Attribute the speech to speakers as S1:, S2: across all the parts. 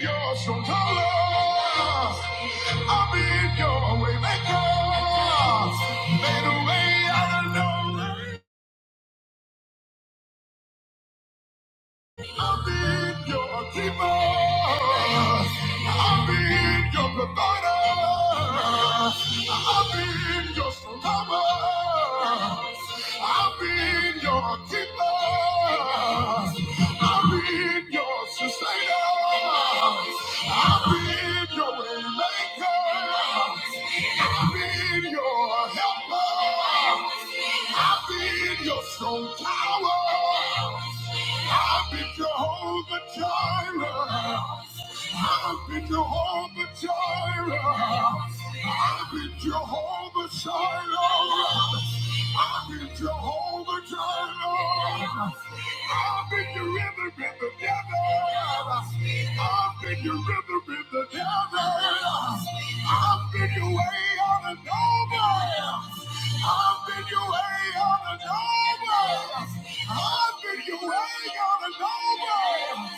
S1: Yours from colors. I've been your way maker. Made a way out of no way. I've been your keeper. I've been your provider. I've been your survivor. I've been your keeper. I've been your sustainer. I've been your waymaker. I've been your helper. I've been your strong tower. I've been Jehovah Jireh. I've been Jehovah Jireh. I've been Jehovah Shiloh. I've been Jehovah Jireh. I've been your rhythm in the desert. I've been your rhythm in the desert. I've been your way on a noble. I've been your way on a noble. I've been your way on a noble.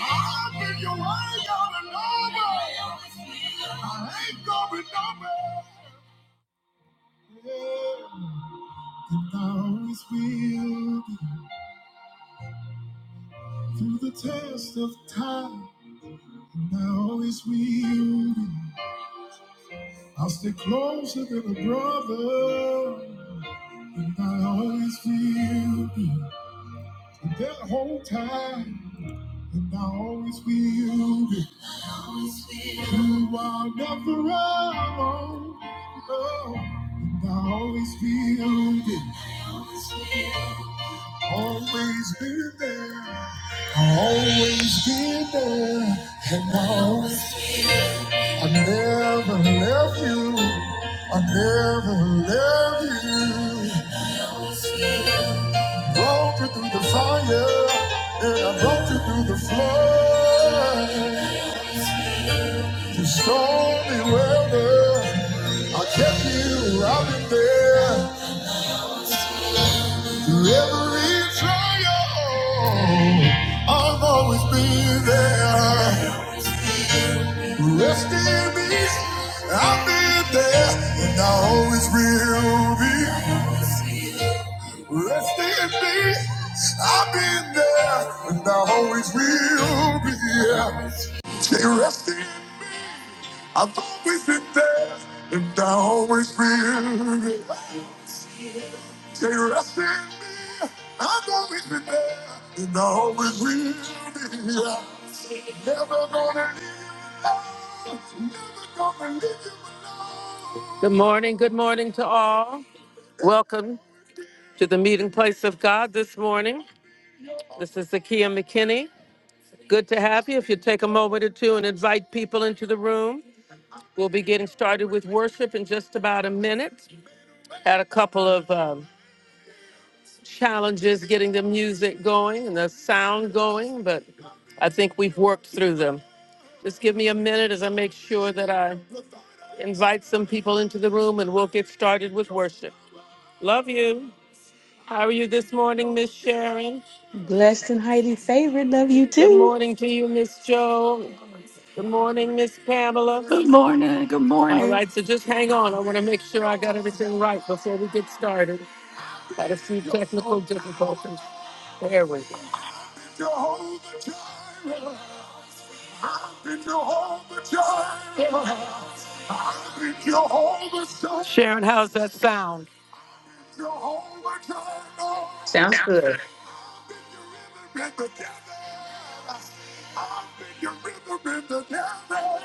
S1: I've been your way on a noble. I ain't going nowhere. Yeah. And I always will be through the test of time. And I always will be. I'll stay closer than a brother. And I always will be that whole time. And I always will be. You are never alone. No. And I always will be. Always been there. I always been there. And I always, I never left you. I never left you. Walked you through the fire, and I brought you through the flood. You stormy weather, I kept you out in there. Through every trial, I've always been there. Rest in peace, I've been there, and I always will be. Rest in me. I've been there and I always will be here. Say rest in me. I've always been there and I always will be. Say rest in me. I've always been there and I always will be here. Never gonna leave. Never gonna leave you alone. Good morning. Good morning to all. Welcome to the meeting place of God this morning. This is Zakiya McKinney. Good to have you. If you take a moment or two and invite people into the room, we'll be getting started with worship in just about a minute. Had a couple of um, challenges getting the music going and the sound going, but I think we've worked through them. Just give me a minute as I make sure that I invite some people into the room and we'll get started with worship. Love you. How are you this morning, Miss Sharon?
S2: Blessed and highly favored. Love you
S1: Good
S2: too.
S1: morning to you, Miss Jo. Good morning, Miss Pamela.
S3: Good morning. Good
S1: All
S3: morning.
S1: right, so just hang on. I want to make sure I got everything right before we get started. Had a few technical difficulties. There we go. Sharon, how's that sound? Jehovah Jireh.
S2: Sounds
S1: That's
S2: good.
S1: it. I've been your river in the desert. I've been your river in the desert.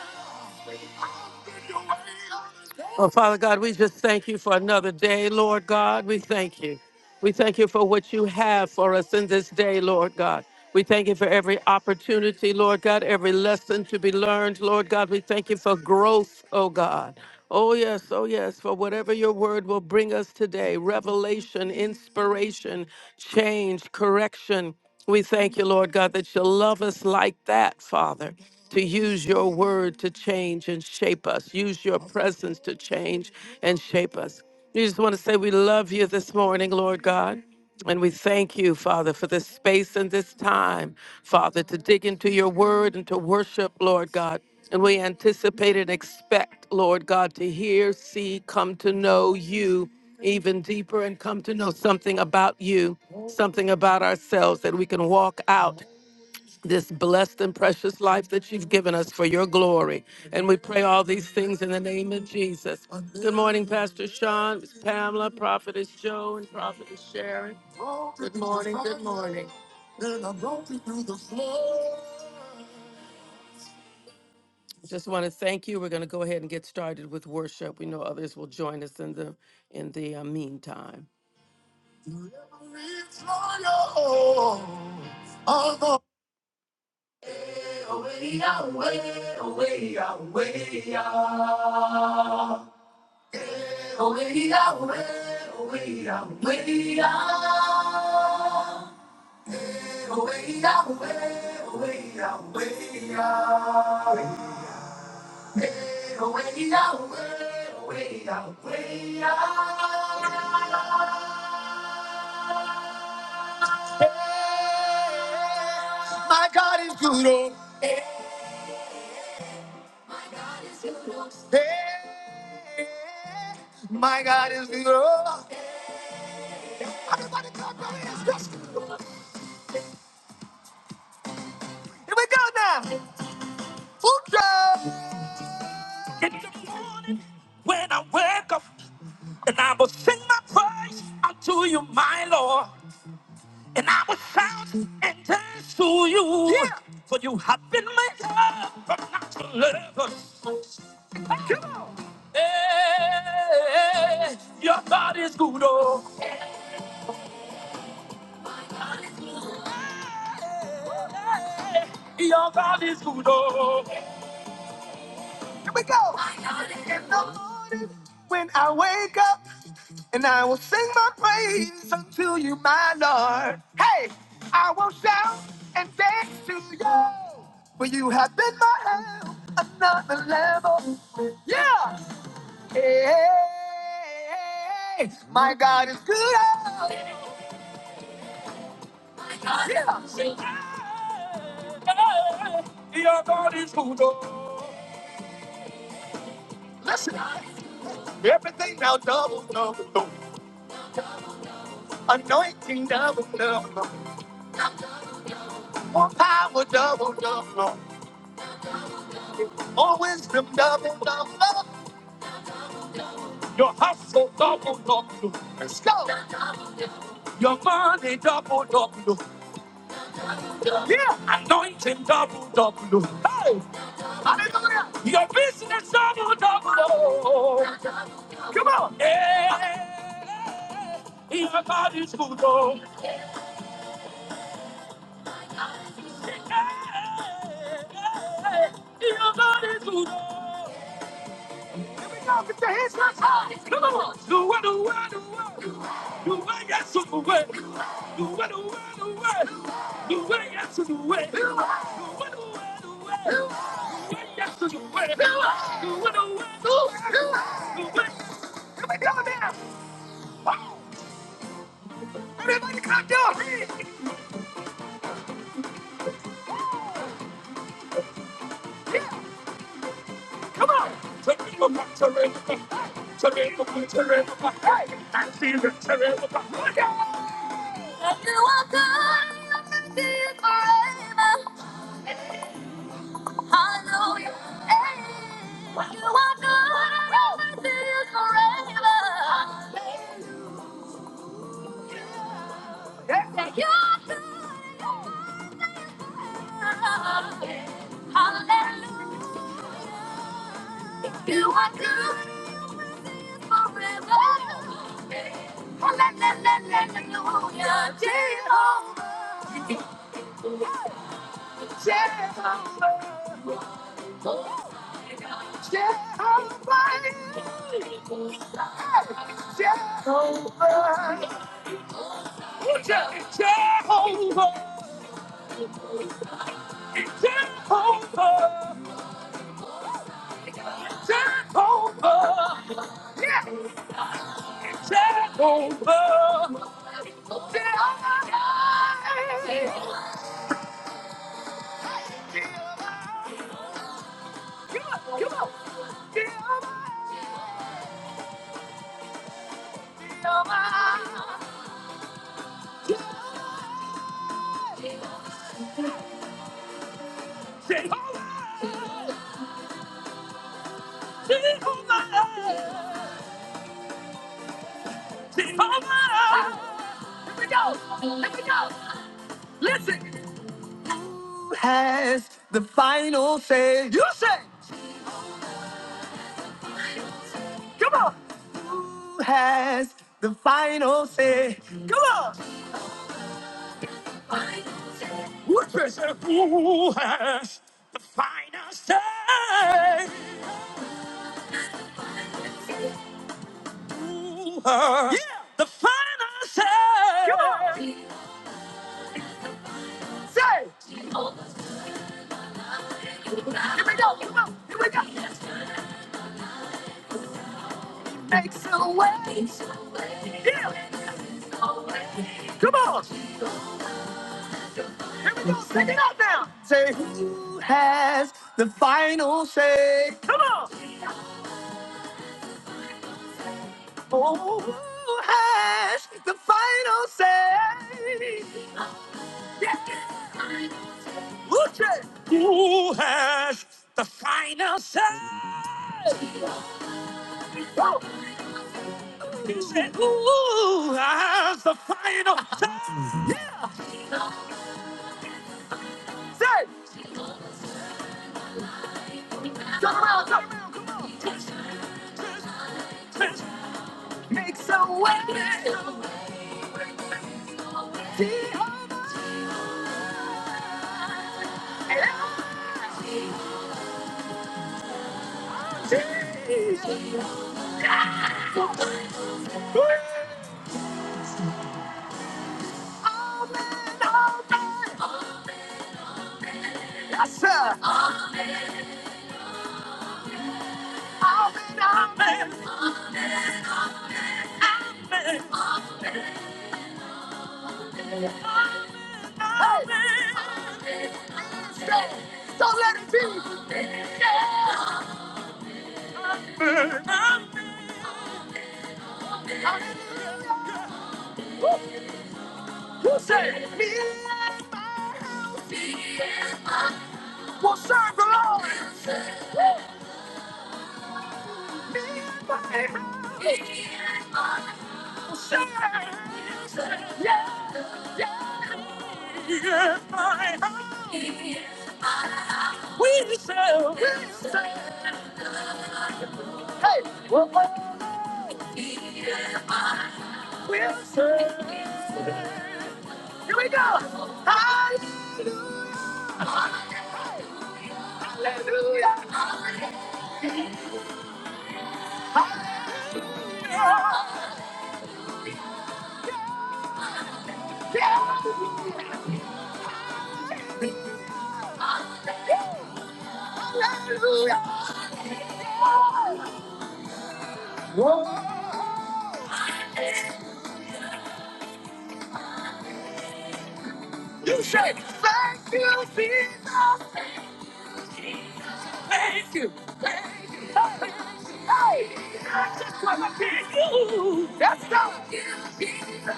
S1: I've been your way out of death. Oh, Father God, we just thank you for another day, Lord God. We thank you. We thank you for what you have for us in this day, Lord God. We thank you for every opportunity, Lord God, every lesson to be learned, Lord God. We thank you for growth, oh God. Oh, yes, oh, yes, for whatever your word will bring us today revelation, inspiration, change, correction. We thank you, Lord God, that you love us like that, Father, to use your word to change and shape us, use your presence to change and shape us. We just want to say we love you this morning, Lord God. And we thank you, Father, for this space and this time, Father, to dig into your word and to worship, Lord God. And we anticipate and expect, Lord God, to hear, see, come to know you even deeper and come to know something about you, something about ourselves that we can walk out this blessed and precious life that you've given us for your glory. And we pray all these things in the name of Jesus. Good morning, Pastor Sean, Miss Pamela, Prophetess Joe, and Prophetess Sharon. Good morning, good morning. Just want to thank you. We're going to go ahead and get started with worship. We know others will join us in the in the uh, meantime. Forever it's royal. Away, away, away, away, ah. Away, away, away, away, ah. Away, away, away, away, ah. Away, away, away, away, ah. My God is good. Oh, hey. My God is good. in the morning when I wake up, and I will sing my praise unto you, my Lord, and I will shout and dance to you, Yeah. for you have been my love, but not to lovers. Come on. Hey, your God is good, oh. Your God is good, oh. Hey, your God is good, oh. Sing now double, anointing double, double. I will double, double, always been double, double. Your hustle double, double. Let's go. Your money double, double. Yeah. Anointing double, double. Hey. Hallelujah. Your business double, double. Come on. Yeah. Your body's good, oh. Yeah. Your body's good, oh. Here we go. Get your hands up high. Come on. Do it, do it, do it. Do it, yes, do it. Do it, do it, do it. Do it, yes, do it. Do it, do it, do it. Do it, yes, do it. Do it, do it, do it. Do it, yes. Here we go now. Oh, everybody clap your hands. Yeah. Come on. Terrible, terrible, terrible, terrible. Hey, I see the terrible. Oh, yeah. What good is this forever? That you're good, you're good. Hallelujah. You are good forever. Hallelujah. Jehovah. Jehovah. Jehovah. Jehovah. Jehovah. Jehovah. Yeah. Jehovah, Jehovah, come on, Jehovah, Jehovah, Jehovah. Let me go, let me go. Listen, what treasure who has the finest day? Who has yeah. the finest day? day. Here we go. Come on. Here we go. Hey! Yeah. Say who has the final say? Oh, who has the final say? The final. Say who has the final say? Come on, come on, Come on. It's a way. Don't let it be. Yeah. Who said? Me and my house will serve the Lord. My house will serve Yeah. Yeah. He said, hey. Here we go. Hallelujah. Hallelujah. Hallelujah. You say, thank you, Jesus. Thank you. Thank you. Thank you. Hey, I just want to thank you. That's not you, Jesus.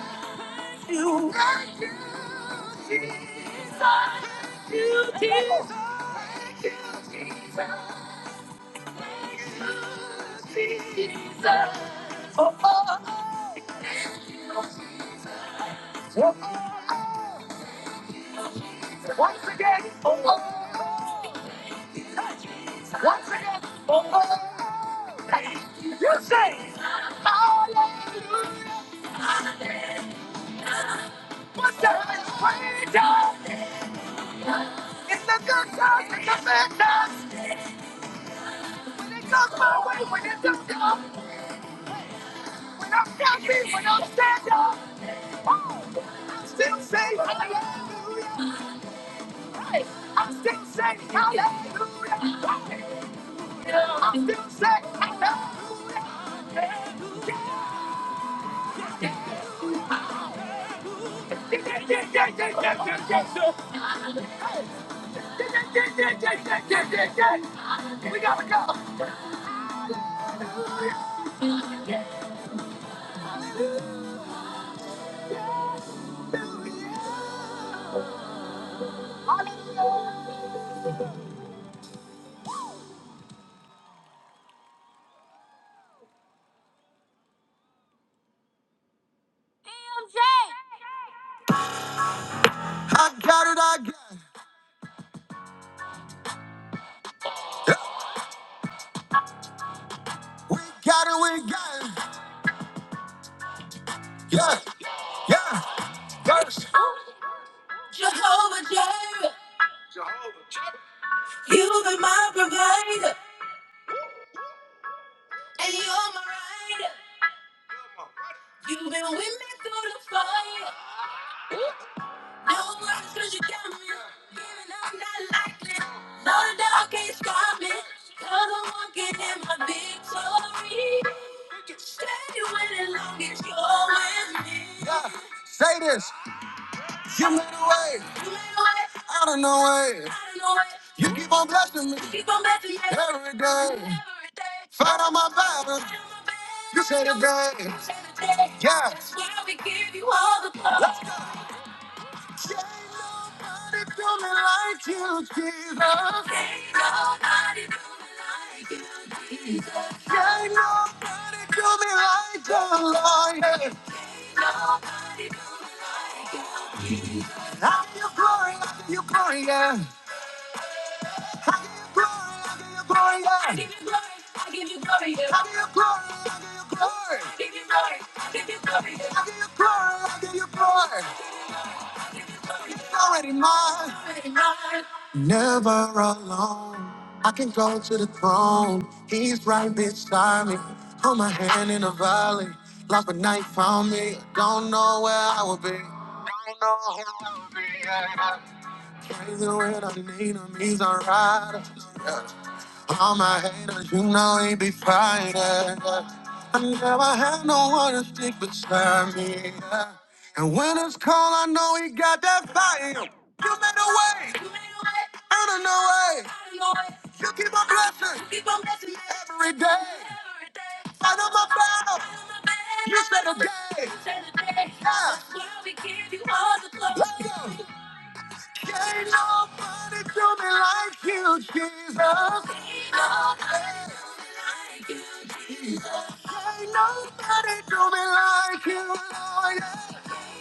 S1: Thank you, Jesus. Thank you, Jesus. Thank you, Jesus. Thank you, Jesus. Once again. Oh, oh. oh. Once again, oh you say, Hallelujah. But the praise It's the good times, it's the bad times. When it comes my way, when it does come, when I'm happy, when I'm stand up, oh, I still say Hallelujah. Hey, I still say Hallelujah. Hey, I still say Hallelujah. Yeah, yeah, yeah, yeah, yeah, yeah, yeah. yeah. Hey, hallelujah. I got it, I got it. Yeah. We got it, we got it. Yeah, yeah, yes. Jehovah Jireh, you've been my provider, and you're my rider. You've been with me through the fire. No worries, cause you got me. Giving up, not likely. No, the dog can't stop me. Cause I'm walking in my victory. Stay with it long as you're with me. Yeah. Say this. You made a way. You made a way. Out of no way. Out of no way. You keep on blessing me. Keep on blessing me. Every day. Every day. Fight on my battle. Fight on my battle. You say the day. You say the day. Yeah. That's why we give you all the glory. Let's go. Ain't nobody do me like you, Jesus. Ain't nobody do me like you, Jesus. Ain't nobody do me like the Lord. yeah. Nobody do me like you. I give you glory, I give you glory, yeah. I give you glory, I give you glory, yeah. I give you glory, I give you glory, yeah. I give you glory, I give you glory, yeah. I give you glory, I give you glory, yeah. I give you glory, yeah. It's already mine. Already mine. Alone, I can go to the throne. He's right beside me. Hold my hand in the valley. Like a knife found me. Don't know where I would be. Don't know who I would be. Yeah. When I need him, he's a rider. Yeah. All my haters, you know he be fighting. yeah. I never had no one to stick beside me. yeah. And when it's cold, I know he got that fire. in him. You made a way. You made a way. Out of no way. Out of no way. You keep on blessing. You keep on blessing. Every day. Every day. Fight on my battle. Fight on my battle. You said a day. You said a day. Yeah. That's why we give you all the glory. Let's go. Ain't no there's nobody like you, Jesus. Ain't nobody like you, Jesus. nobody do me like you, Lord.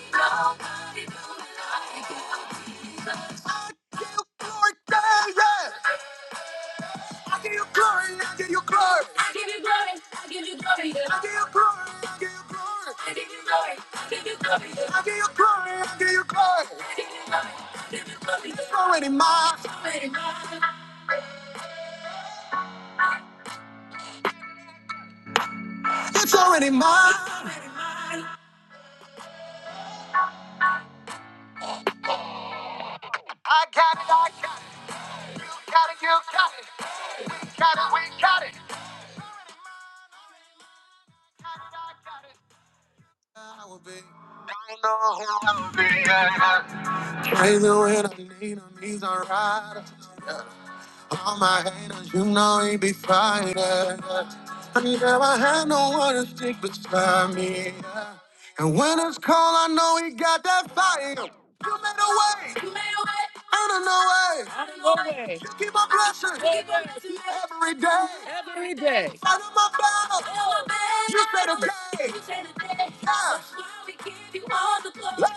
S1: Ain't nobody do me like you. Glory, yeah, yeah. I Give you glory, I give you glory. I give you glory, I give you glory, yeah. I give you glory, I give you glory. I give you glory, I give you glory, yeah. I give you glory, yeah. Ah, It's already mine. It's already mine. It's already mine. I got it, I got it. Got it, you got it. Got it, we got it. Away. Every day. You say the day. You say the day. we give you all the glory. Listen.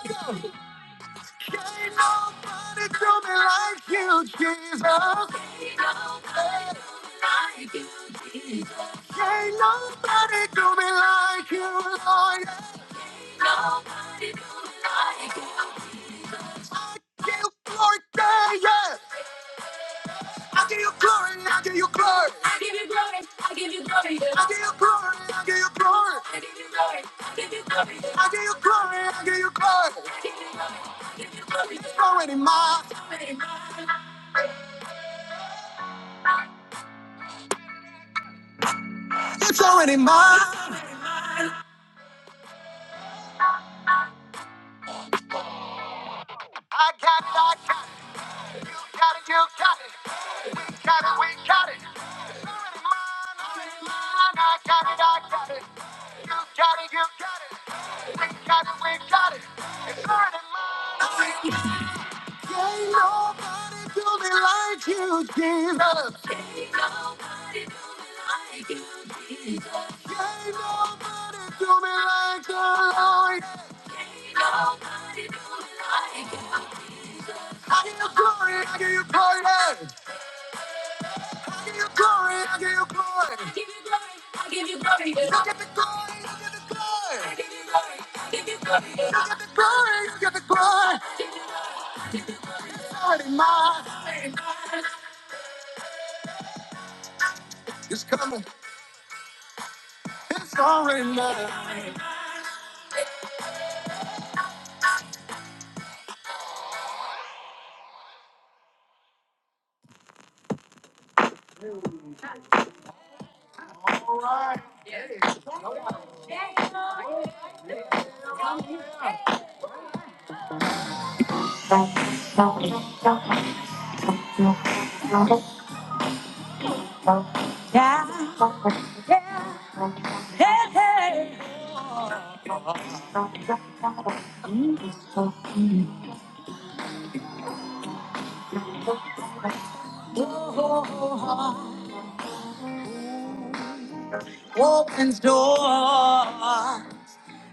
S1: nobody do me like you, Jesus. Ain't nobody do me like you, Jesus. Ain't nobody do me like you, Lord. can nobody do me like you. I give you glory, yeah, yeah. I give you glory, I give you glory. I give you glory, I give you glory, yeah. I give you glory, I give you glory. I give you glory, I give you glory, yeah. I give you glory, I give you glory. I give you glory, I give you glory, yeah. It's already mine. It's already mine. It's already mine. I got it, I got it. Got it, you got it. Got it, we got it. I give you glory, I give you glory. give you glory, I give you glory. I give you glory, I give you glory. You get the glory, you get the glory. I give you glory, I give you glory. You get the glory, you get the glory. It's already mine. It's coming. It's already mine. Hey, hey. Oh, oh, oh, oh. Opens door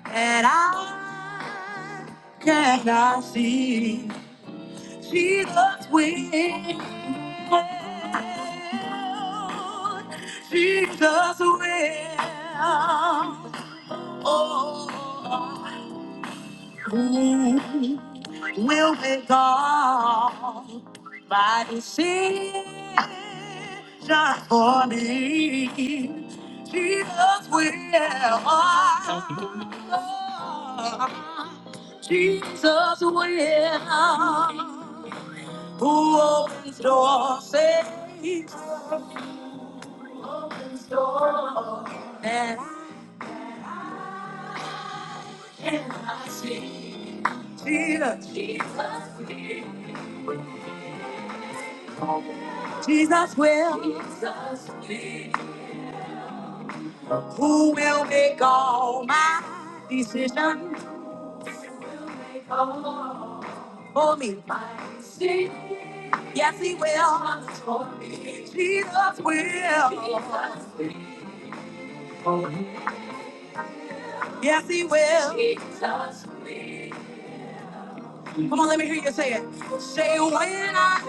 S1: and I cannot see. She looks within. will. Jesus will. Oh, who will be gone by decision for me? Jesus will. Jesus will. Who opens doors, saves, and I see. Jesus. Jesus Jesus will. Jesus will. Who will make all my decisions for me? Yes, he will. Jesus will. Yes, he will. Come on, let me hear you say it. Say when I'm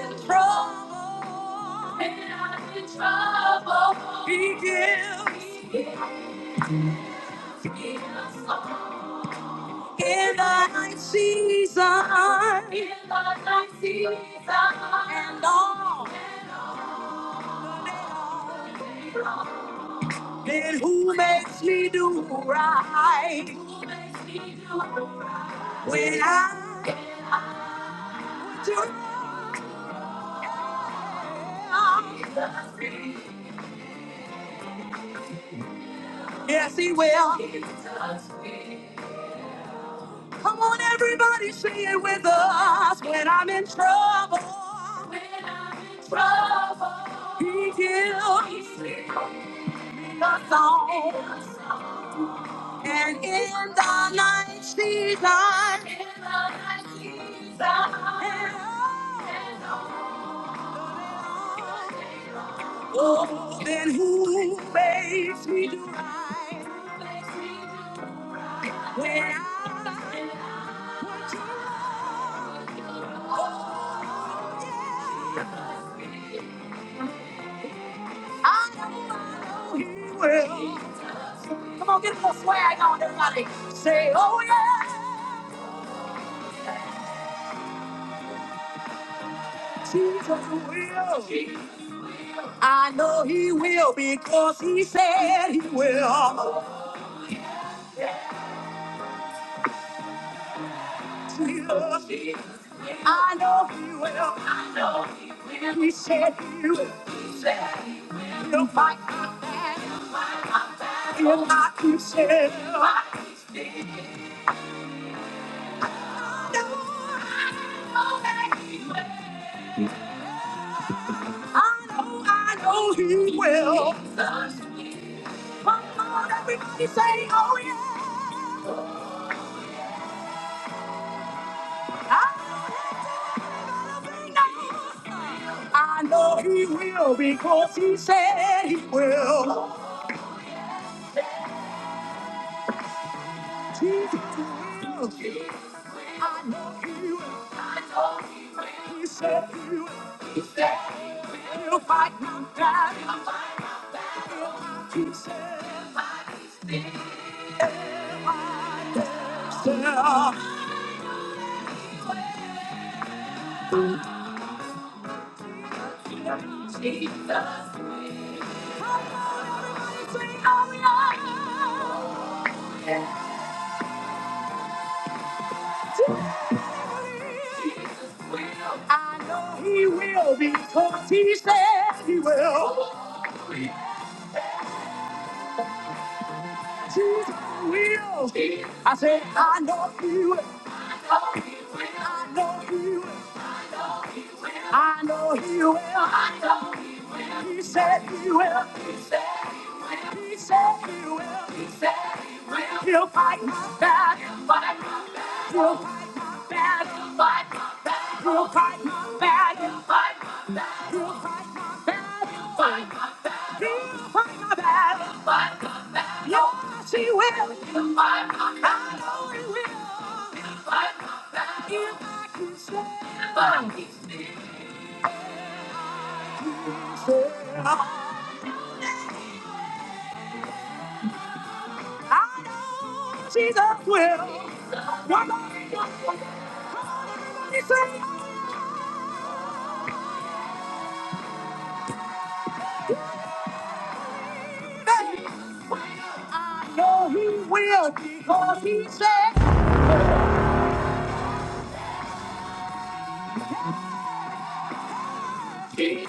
S1: in trouble, he gives. In thy season, in thy season, and all that who makes me do right. Who makes me do right. When I turn, yes, he will. Come on, everybody, sing it with us. When I'm in trouble, when I'm in trouble, he heals my song. And in the night season, oh, then who makes me do it? Now he will. I know he will because he said he will. I know he will. And he said he will. He'll fight and he'll not himself. I know, I know he will. He said he I know he will because he said he will. Jesus will. I know he will. He said he will. He'll fight my battle. He said Jesus will. I know he will because he said he will. Jesus will. I said I know he will. I know he will. I know he will. I know he will. He said he will. He said he will. He said he will. He said he will. He'll fight my battle. He'll fight my battle. He'll fight my battle. He'll fight my battle. He'll fight my battle. He'll fight my battle. He'll fight my battle. He'll fight my battle. He'll fight my battle. He'll fight my battle. Yes, he will. He'll fight my battle. I know he will. He'll fight my battle. If I can stand. If I can stand. Jesus will. One more you he said that. No, he will. Because he said he,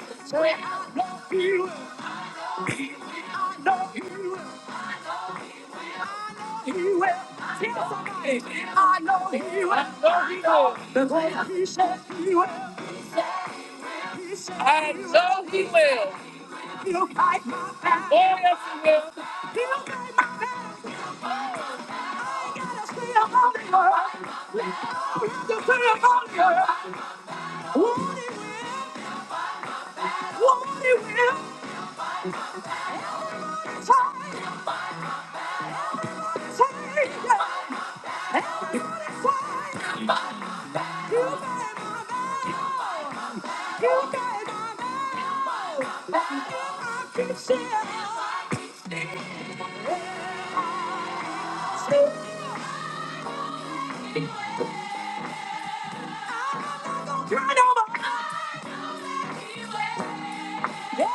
S1: no, he will. No, he will. He will. Tell somebody, I know he will. What he will. What he will. Say, say, yeah. You better You better move on. You better move on. I keep saying, I keep saying, Turn over. down.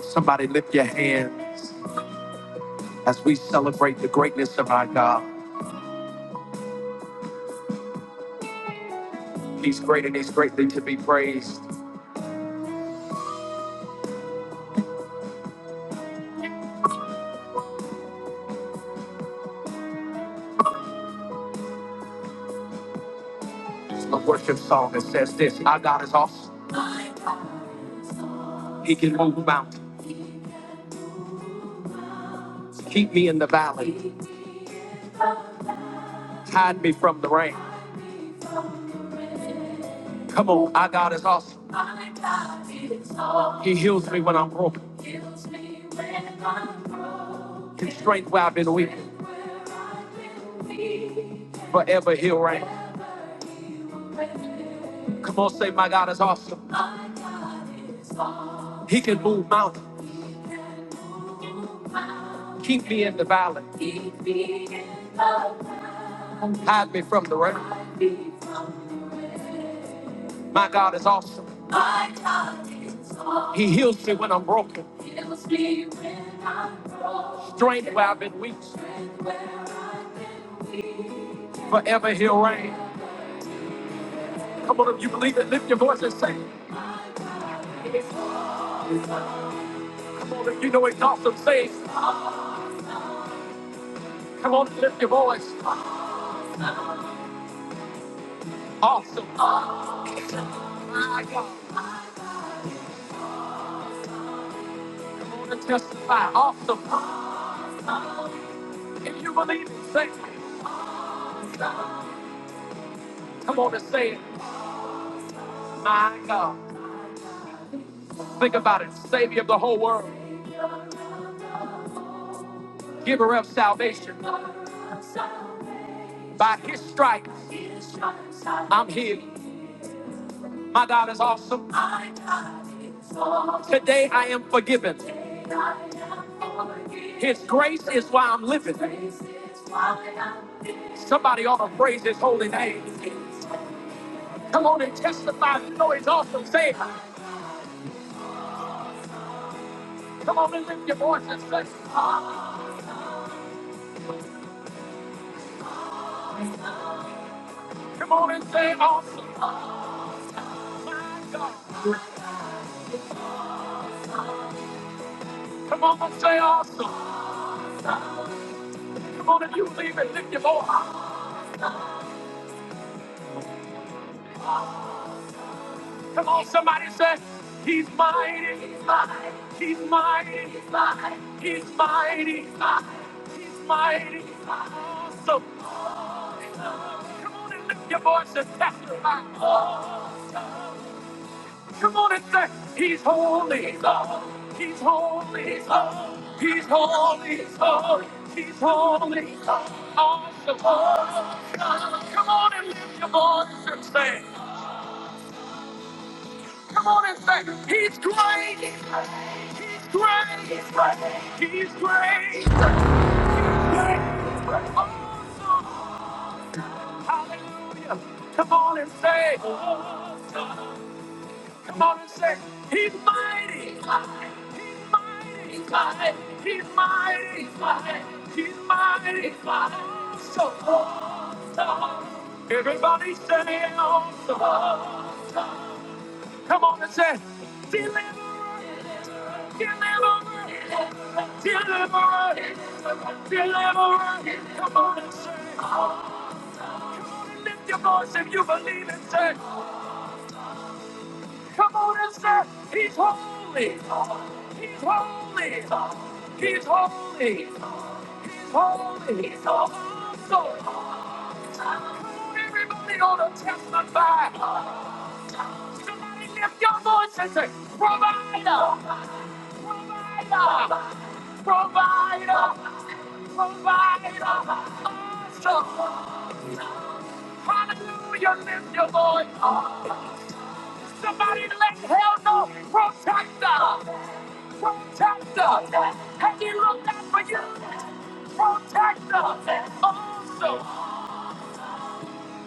S1: Somebody lift your hands as we celebrate the greatness of our God. He's great and he's greatly to be praised. A worship song that says this Our God is awesome. He can move mountains. Keep me in the valley. Hide me from the rain. Come on, our God is awesome. He heals me when I'm broken. His strength where I've been weak. Forever he'll reign. Come on, say my God is awesome. He can move mountains. Keep me in the valley. Hide me from the rain. My God is awesome. My God is awesome. He heals me when I'm broken. Heals me when I'm broken. Strength where I've been weak. Forever he'll reign. Come on, if you believe it, lift your voice and say. it. Come on, if you know it's awesome, say. it. Come on, and lift your voice. Awesome. My God. Come on and testify. Awesome. If you believe it, say. it. Come on and say it. My God. Think about it. Savior of the whole world. giver of salvation. By his stripes, I'm healed. My God is awesome. Today I am forgiven. His grace is why I'm living. Somebody ought to praise his holy name. Come on and testify. You know he's awesome. Say, it. come on and lift your voice and say, come on and say awesome. Come on and say awesome. Come on, if you believe it, lift your voice. Come on, somebody say, He's mighty, He's mighty, He's mighty, He's mighty, He's mighty, He's mighty, He's mighty, He's awesome. Come on and lift your voice and testify. Come on and say, He's holy, He's holy, He's holy, He's holy, He's holy, He's holy, He's holy, awesome. Come on and lift your voice and say. Come on and say, He's great. He's great. He's great. He's great. He's great. Awesome. Hallelujah. Come on and say, awesome. Come on and say, He's mighty. He's mighty. He's mighty. He's mighty. He's mighty. He's mighty. He's mighty. So awesome. Everybody say awesome. Awesome. Come on and say, deliver us, deliver us, deliver us, deliver us. Come on and say, come on and lift your voice if you believe and say, come on and say, he's holy, he's holy, he's holy, he's holy, he's holy. Everybody on a testify. Somebody lift your voice and say, provider. Provider, provider, provider, awesome. Hallelujah, lift your voice. Somebody let hell know, protector, protector. Have you looked out for you? Protector, awesome.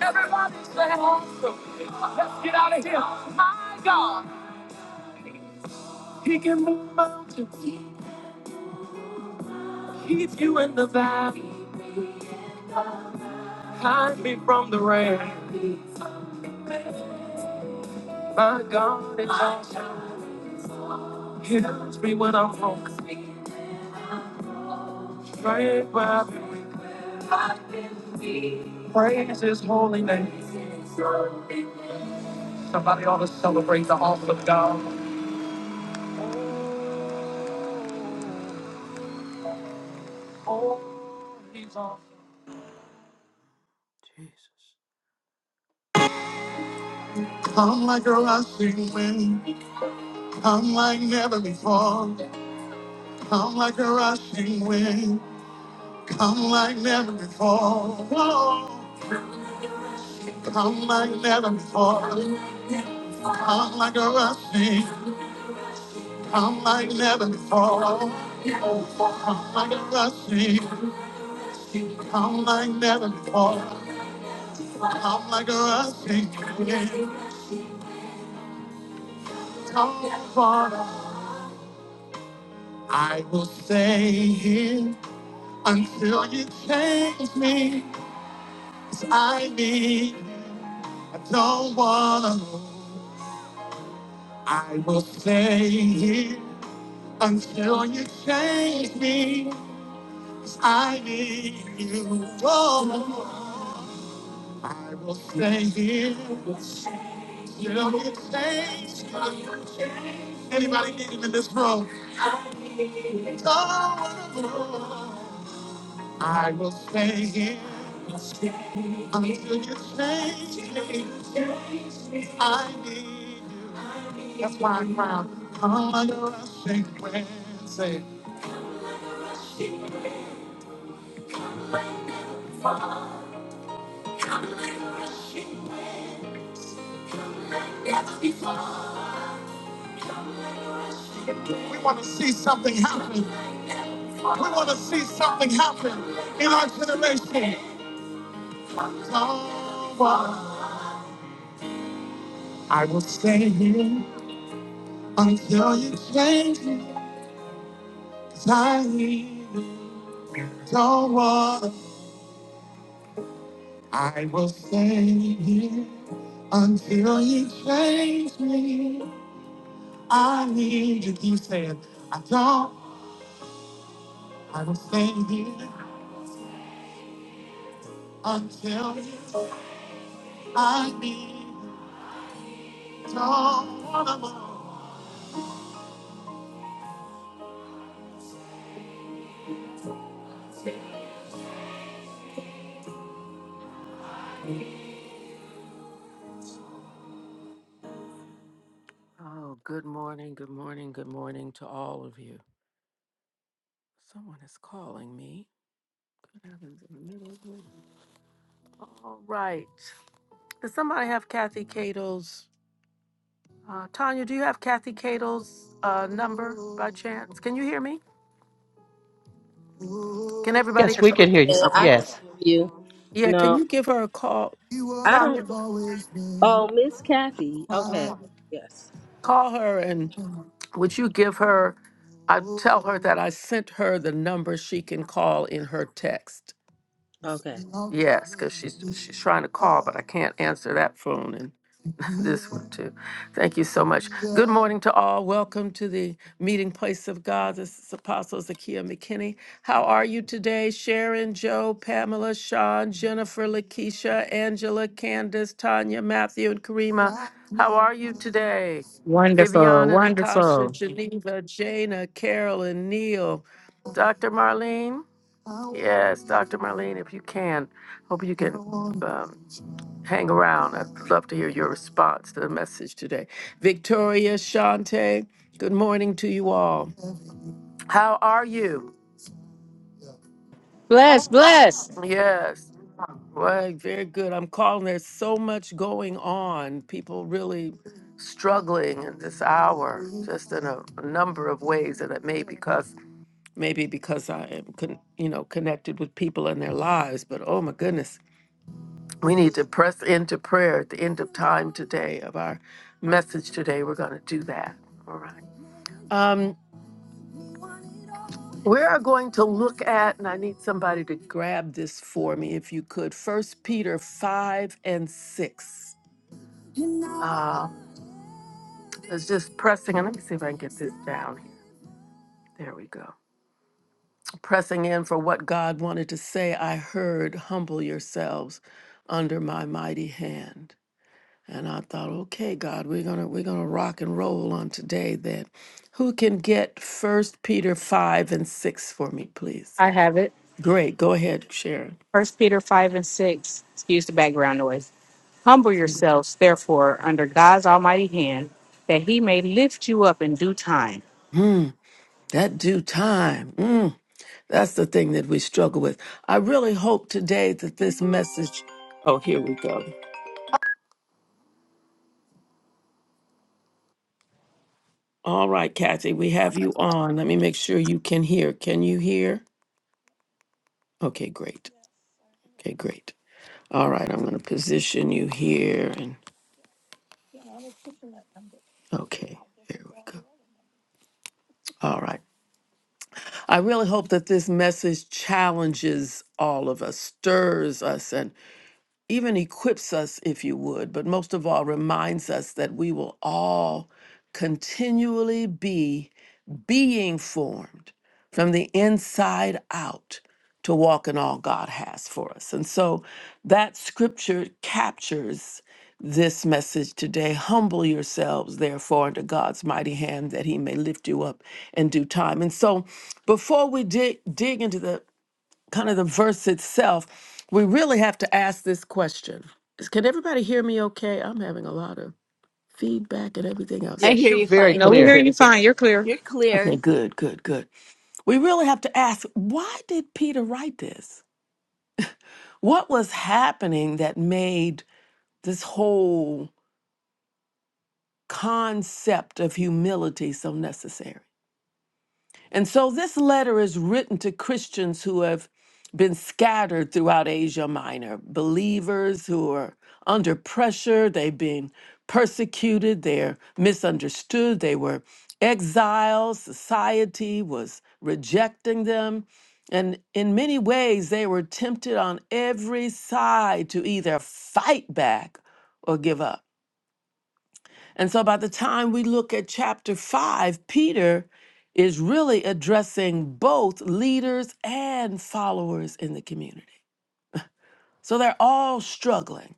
S1: Everybody say awesome. Let's get out of here. Holy name. Somebody ought to celebrate the awesome of God. Oh, he's awesome. Come like a rushing wind, come like never before. Come like a rushing wind, come like never before. Whoa. Come like never before. Come like a rushing, come like never before. Come like a rushing, come like never before. Come like a rushing wind, come for I will stay here until you change me. 'cause I need I Don't wanna move. I will stay here until you change me. 'cause I need you. Oh, I will stay here until you change me. Anybody need him in this room? Don't wanna move. I will stay here until you change me. I need you. we want to see something happen. We want to see something happen in our generation. Jehovah, I will stay here until you change me. 'Cause I need you. Jehovah, I will stay here until you change me. I need you. Keep saying, I don't. I will stay here until you I need someone. more. Oh, good morning, good morning, good morning to all of you. Someone is calling me. What happens in the middle of it? All right. Does somebody have Kathy Cato's? Uh, Tanya, do you have Kathy Cato's uh, number by chance? Can you hear me? Can everybody?
S4: Yes,
S1: Yes,
S4: we
S1: we
S4: can
S1: can
S4: hear you.
S1: hear
S5: Yeah,
S1: you. Okay.
S5: I can
S4: Yes.
S5: hear you.
S1: Yeah, can
S5: No,
S1: you give her a call?
S5: I don't.
S1: Always been
S5: Oh,
S1: a
S5: Miss Kathy. Okay.
S1: fight.
S5: Yes.
S1: Call her and Would you give her? I tell her that I sent her the number she can call in her text.
S5: Okay.
S1: Yes, because she's she's trying to call, but I can't answer that phone, and. This one too. Thank you so much. Good morning to all. Welcome to the meeting place of God. This is Apostle Zakia McKinney. How are you today? Sharon, Joe, Pamela, Sean, Jennifer, Lakeisha, Angela, Candace, Tanya, Matthew, and Karima. How are you today?
S2: Wonderful.
S1: Viviana, Natasha,
S2: Wonderful.
S1: Geneva, Jana, Carolyn, Neil, Dr. Marlene. Yes, Dr. Marlene, if you can. Hope you can. um, hang around. I'd love to hear your response to the message today. Victoria, Shante, good morning to you all. How are you?
S2: Bless, bless.
S1: Yes. Well, very good. I'm calling. There's so much going on. People really struggling in this hour, just in a, a number of ways, and it may because maybe because I am, con, you know, connected with people in their lives. But oh my goodness, we need to press into prayer at the end of time today of our message today. We're going to do that. All right. Um, we are going to look at, and I need somebody to grab this for me, if you could. First Peter five and six. Uh, it's just pressing, and let me see if I can get this down here. There we go. Pressing in for what God wanted to say. I heard, humble yourselves under my mighty hand. And I thought, okay, God, we're gonna we're gonna rock and roll on today then. Who can get first Peter five and six for me, please?
S2: I have it.
S1: Great, go ahead, Sharon.
S2: First Peter five and six. Excuse the background noise. Humble yourselves, therefore, under God's almighty hand, that he may lift you up in due time.
S1: Hmm, that due time. Mm, that's the thing that we struggle with. I really hope today that this message Oh, here we go. All right, Kathy, we have you on. Let me make sure you can hear. Can you hear? Okay, great. Okay, great. All right, I'm gonna position you here and okay, there we go. All right. I really hope that this message challenges all of us, stirs us, and even equips us, if you would, but most of all, reminds us that we will all continually be being formed from the inside out to walk in all God has for us. And so that scripture captures this message today. Humble yourselves, therefore, under God's mighty hand that he may lift you up in due time. And so before we dig, dig into the kind of the verse itself, we really have to ask this question. Is- Can everybody hear me okay? I'm having a lot of feedback and everything else.
S6: I
S4: Yes,
S6: hear
S4: you're
S6: you
S4: very
S2: No,
S6: fine.
S2: we hear
S4: clear.
S2: you fine. You're clear.
S6: You're
S1: Okay,
S6: clear.
S1: good, good, good. We really have to ask why did Peter write this? What was happening that made this whole concept of humility so necessary? And so this letter is written to Christians who have been scattered throughout Asia Minor, believers who are under pressure, they've been persecuted, they're misunderstood, they were exiled, society was rejecting them. And in many ways, they were tempted on every side to either fight back or give up. And so by the time we look at chapter five, Peter is really addressing both leaders and followers in the community. So they're all struggling.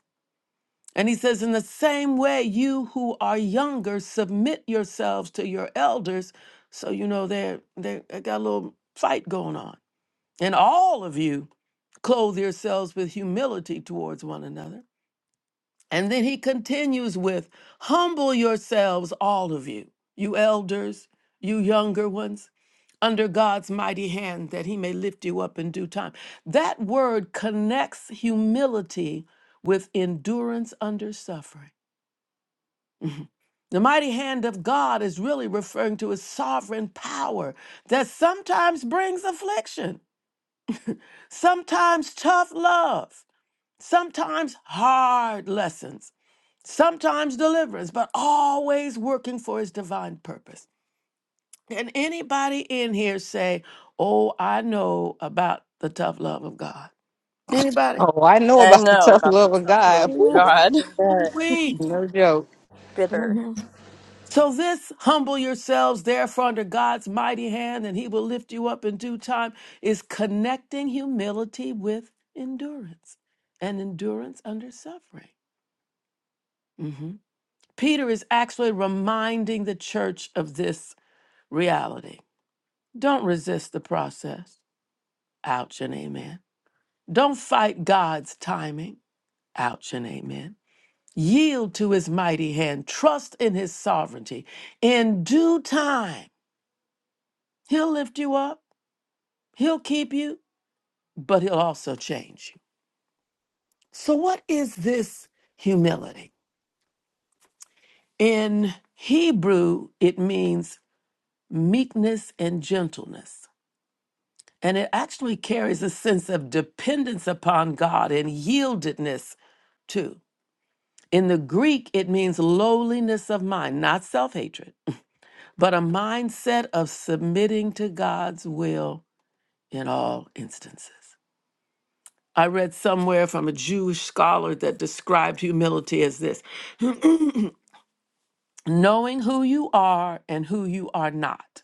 S1: And he says, In the same way, you who are younger, submit yourselves to your elders. So, you know, they're, they they got a little fight going on. And all of you clothe yourselves with humility towards one another. And then he continues with, Humble yourselves, all of you, you elders, you younger ones, under God's mighty hand that he may lift you up in due time. That word connects humility with endurance under suffering. The mighty hand of God is really referring to his sovereign power that sometimes brings affliction, sometimes tough love, sometimes hard lessons sometimes deliverance, but always working for his divine purpose. Can anybody in here say, Oh, I know about the tough love of God? Anybody?
S2: Oh, I know
S6: I
S2: about the
S6: know
S2: tough
S6: about the
S2: love of
S6: tough
S2: God.
S6: love of
S2: Whew.
S6: God.
S5: But
S1: We.
S2: No joke.
S1: So this humble yourselves therefore under God's mighty hand and he will lift you up in due time is connecting humility with endurance and endurance under suffering. Mhm. Peter is actually reminding the church of this reality. Don't resist the process. Ouch and amen. Don't fight God's timing. Ouch and amen. Yield to his mighty hand. Trust in his sovereignty. In due time, he'll lift you up, he'll keep you, but he'll also change you. So, what is this humility? In Hebrew, it means meekness and gentleness. And it actually carries a sense of dependence upon God and yieldedness too. In the Greek, it means lowliness of mind, not self hatred, but a mindset of submitting to God's will in all instances. I read somewhere from a Jewish scholar that described humility as this knowing who you are and who you are not,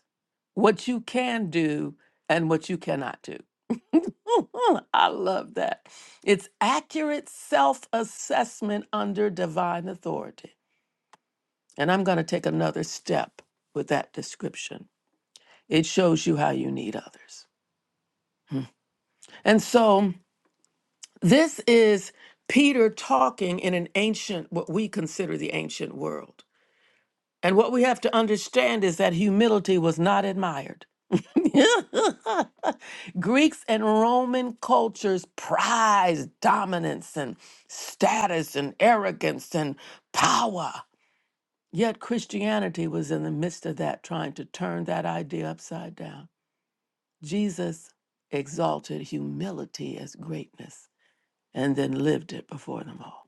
S1: what you can do and what you cannot do. I love that. It's accurate self assessment under divine authority. And I'm going to take another step with that description. It shows you how you need others. And so this is Peter talking in an ancient, what we consider the ancient world. And what we have to understand is that humility was not admired. Greeks and Roman cultures prized dominance and status and arrogance and power. Yet Christianity was in the midst of that, trying to turn that idea upside down. Jesus exalted humility as greatness and then lived it before them all.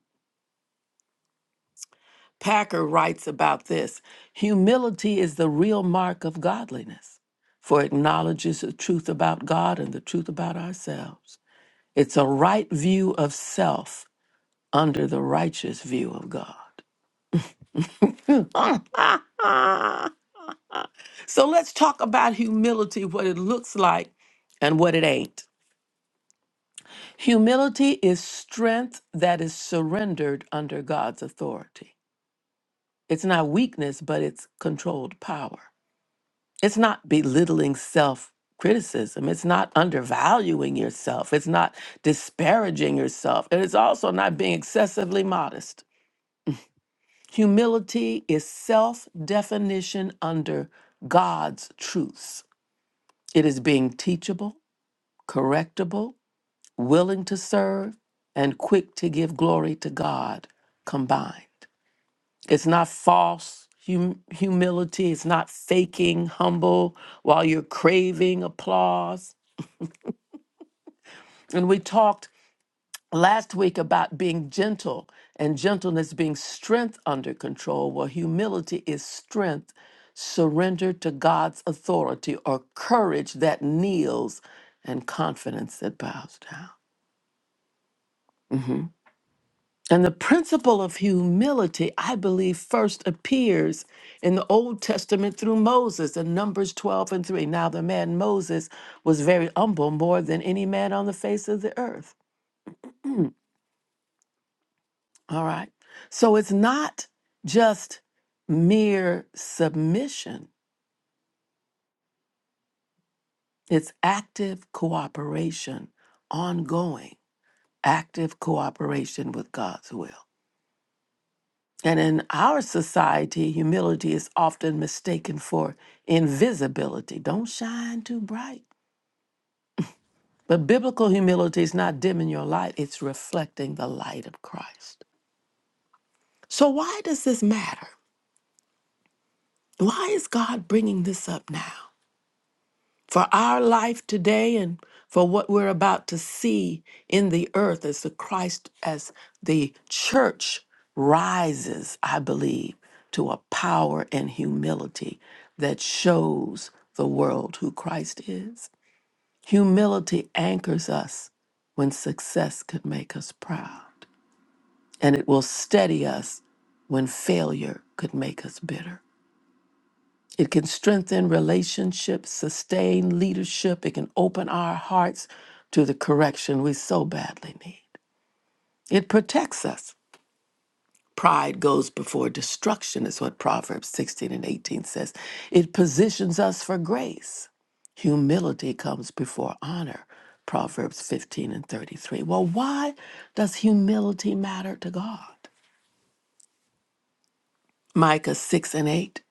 S1: Packer writes about this humility is the real mark of godliness, for it acknowledges the truth about God and the truth about ourselves. It's a right view of self under the righteous view of God. So let's talk about humility, what it looks like and what it ain't. Humility is strength that is surrendered under God's authority. It's not weakness, but it's controlled power. It's not belittling self criticism. It's not undervaluing yourself. It's not disparaging yourself. And it's also not being excessively modest. Humility is self definition under God's truths. It is being teachable, correctable, willing to serve, and quick to give glory to God combined. It's not false hum- humility, it's not faking humble while you're craving applause. And we talked last week about being gentle and gentleness being strength under control. Well, humility is strength surrendered to God's authority or courage that kneels and confidence that bows down. And the principle of humility, I believe, first appears in the Old Testament through Moses in Numbers 12 and 3. Now, the man Moses was very humble, more than any man on the face of the earth. All right. So it's not just mere submission, it's active cooperation, ongoing, active cooperation with God's will. And in our society, humility is often mistaken for invisibility. Don't shine too bright. But biblical humility is not dimming your light, it's reflecting the light of Christ. So, why does this matter? Why is God bringing this up now? for our life today and for what we're about to see in the earth as the Christ, as the church rises, I believe, to a power and humility that shows the world who Christ is. Humility anchors us when success could make us proud, and it will steady us when failure could make us bitter. It can strengthen relationships, sustain leadership. It can open our hearts to the correction we so badly need. It protects us. Pride goes before destruction, is what Proverbs 16 and 18 says. It positions us for grace. Humility comes before honor, Proverbs 15 and 33. Well, why does humility matter to God? Micah 6 and 8.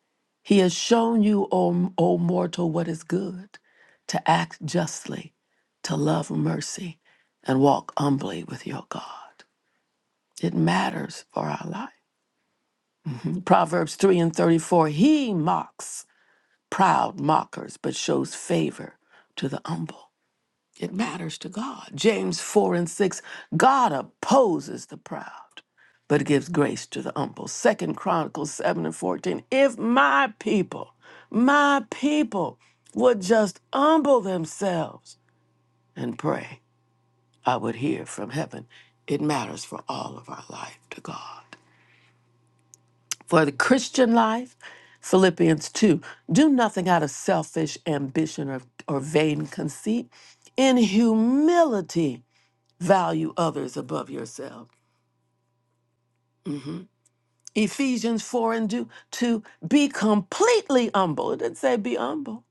S1: He has shown you, O, o mortal, what is good to act justly, to love mercy, and walk humbly with your God. It matters for our life. Proverbs 3 and 34 He mocks proud mockers, but shows favor to the humble. It matters to God. James 4 and 6 God opposes the proud, but gives grace to the humble. Second Chronicles 7 and 14. If my people, my people would just humble themselves and pray, I would hear from heaven. It matters for all of our life to God. For the Christian life, Philippians 2 Do nothing out of selfish ambition or, or vain conceit. In humility, value others above yourself. Ephesians 4 and do, 2, to be completely humble. It didn't say be humble,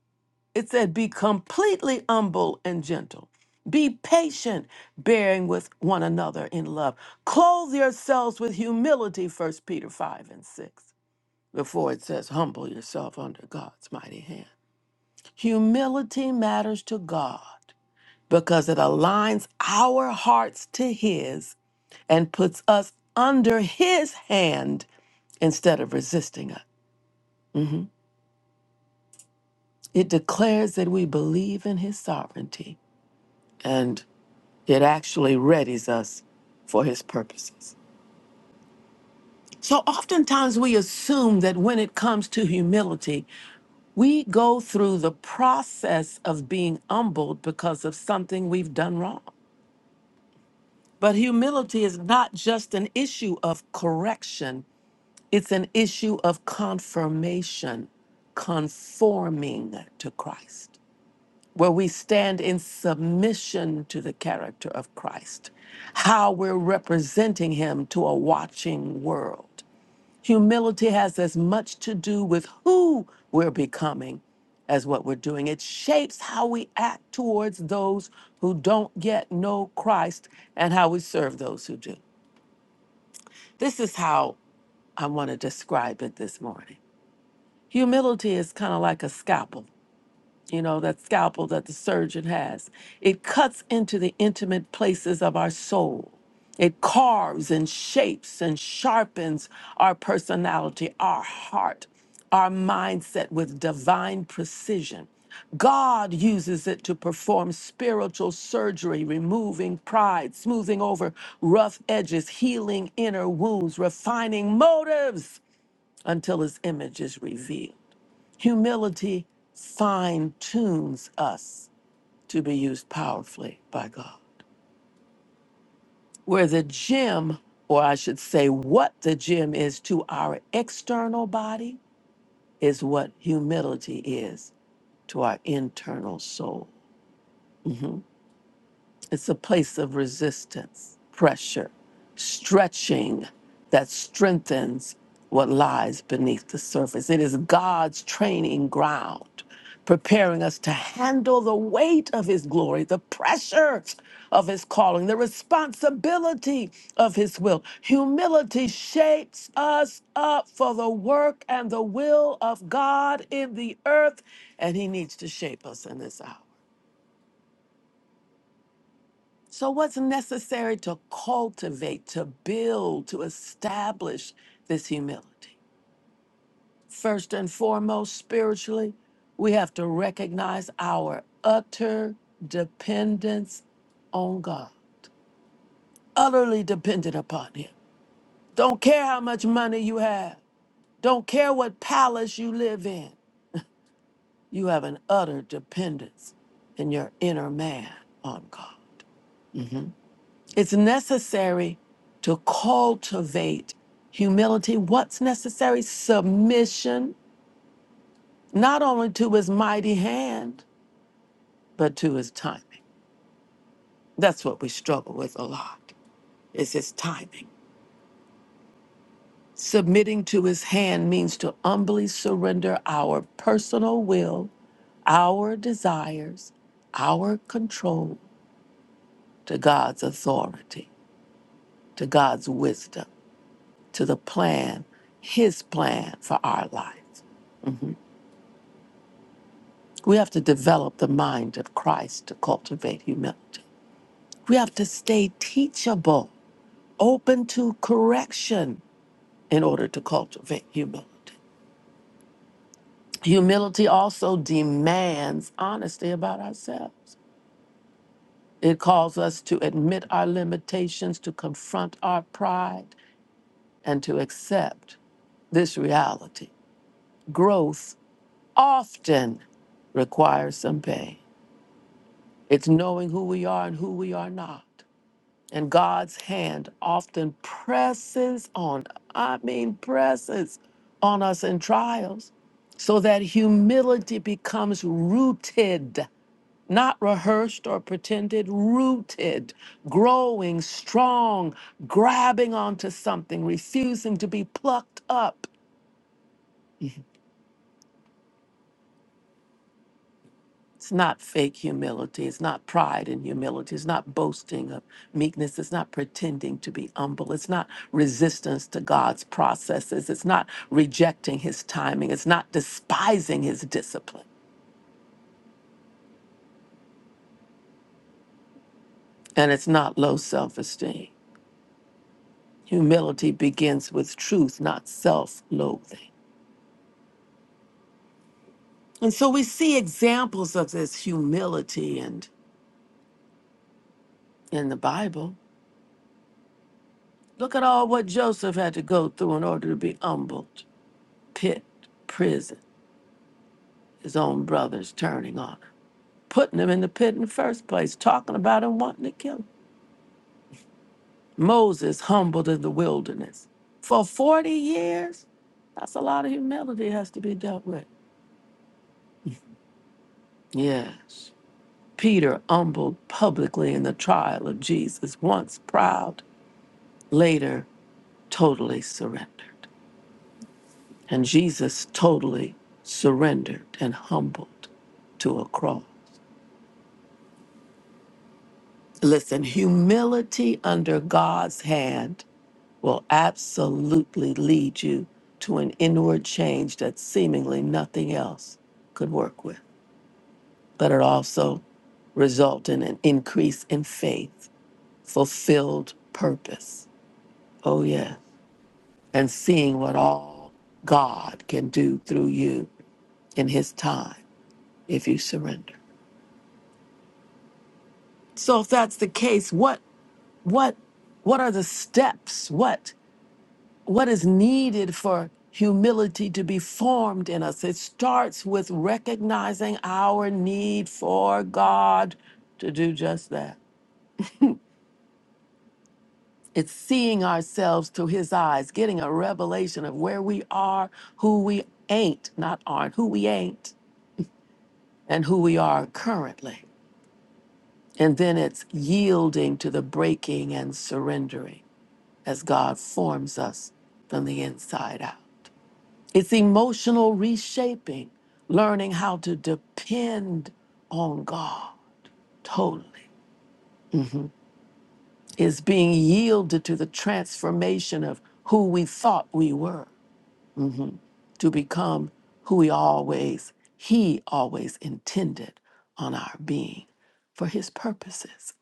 S1: it said be completely humble and gentle. Be patient, bearing with one another in love. Clothe yourselves with humility, First Peter 5 and 6, before it says, humble yourself under God's mighty hand. Humility matters to God because it aligns our hearts to His and puts us under his hand instead of resisting us. Mhm. It declares that we believe in his sovereignty and it actually readies us for his purposes. So oftentimes we assume that when it comes to humility, we go through the process of being humbled because of something we've done wrong. But humility is not just an issue of correction It's an issue of confirmation, conforming to Christ, where we stand in submission to the character of Christ, how we're representing him to a watching world. Humility has as much to do with who we're becoming as what we're doing. It shapes how we act towards those who don't yet know Christ and how we serve those who do. This is how I want to describe it this morning. Humility is kind of like a scalpel, you know, that scalpel that the surgeon has. It cuts into the intimate places of our soul. It carves and shapes and sharpens our personality, our heart, our mindset with divine precision. God uses it to perform spiritual surgery, removing pride, smoothing over rough edges, healing inner wounds, refining motives until his image is revealed. Humility fine tunes us to be used powerfully by God. Where the gym, or I should say, what the gym is to our external body, is what humility is to our internal soul. It's a place of resistance, pressure, stretching that strengthens what lies beneath the surface. It is God's training ground, preparing us to handle the weight of His glory, the pressure of His calling, the responsibility of His will. Humility shapes us up for the work and the will of God in the earth, and He needs to shape us in this hour. So, what's necessary to cultivate, to build, to establish this humility? First and foremost, spiritually, we have to recognize our utter dependence on God, utterly dependent upon Him. Don't care how much money you have, don't care what palace you live in, you have an utter dependence in your inner man on God. It's necessary to cultivate humility. What's necessary? Submission, not only to his mighty hand, but to his timing. That's what we struggle with a lot, is his timing. Submitting to his hand means to humbly surrender our personal will, our desires, our control to God's authority, to God's wisdom, to the plan, his plan for our life. We have to develop the mind of Christ to cultivate humility. We have to stay teachable, open to correction in order to cultivate humility. Humility also demands honesty about ourselves. It calls us to admit our limitations, to confront our pride, and to accept this reality. Growth often requires some pain. It's knowing who we are and who we are not. And God's hand often presses on, I mean, presses on us in trials so that humility becomes rooted, not rehearsed or pretended, rooted, growing strong, grabbing onto something, refusing to be plucked up It's not fake humility. It's not pride and humility. It's not boasting of meekness. It's not pretending to be humble. It's not resistance to God's processes. It's not rejecting his timing. It's not despising his discipline. And it's not low self esteem. Humility begins with truth, not self loathing. And so we see examples of this humility and in the Bible. Look at all what Joseph had to go through in order to be humbled, pit, prison. his own brothers turning on, him, putting him in the pit in the first place, talking about him wanting to kill him. Moses humbled in the wilderness for 40 years. That's a lot of humility has to be dealt with. Yes. Peter humbled publicly in the trial of Jesus, once proud, later totally surrendered. And Jesus totally surrendered and humbled to a cross. Listen, humility under God's hand will absolutely lead you to an inward change that seemingly nothing else could work with. But it also result in an increase in faith, fulfilled purpose. Oh yeah. And seeing what all God can do through you in his time if you surrender. So if that's the case, what what what are the steps? What what is needed for humility to be formed in us. It starts with recognizing our need for God to do just that. It's seeing ourselves through His eyes, getting a revelation of where we are, who we ain't, not aren't, who we ain't, and who we are currently. And then it's yielding to the breaking and surrendering as God forms us from the inside out. It's emotional reshaping, learning how to depend on God totally. It's being yielded to the transformation of who we thought we were to become who we always, He always intended on our being for His purposes.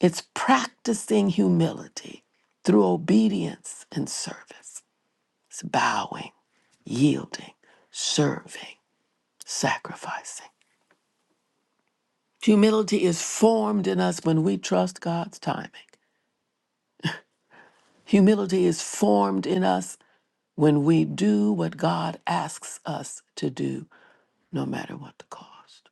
S1: It's practicing humility through obedience and service. It's bowing, yielding, serving, sacrificing. Humility is formed in us when we trust God's timing. Humility is formed in us when we do what God asks us to do, no matter what the cost.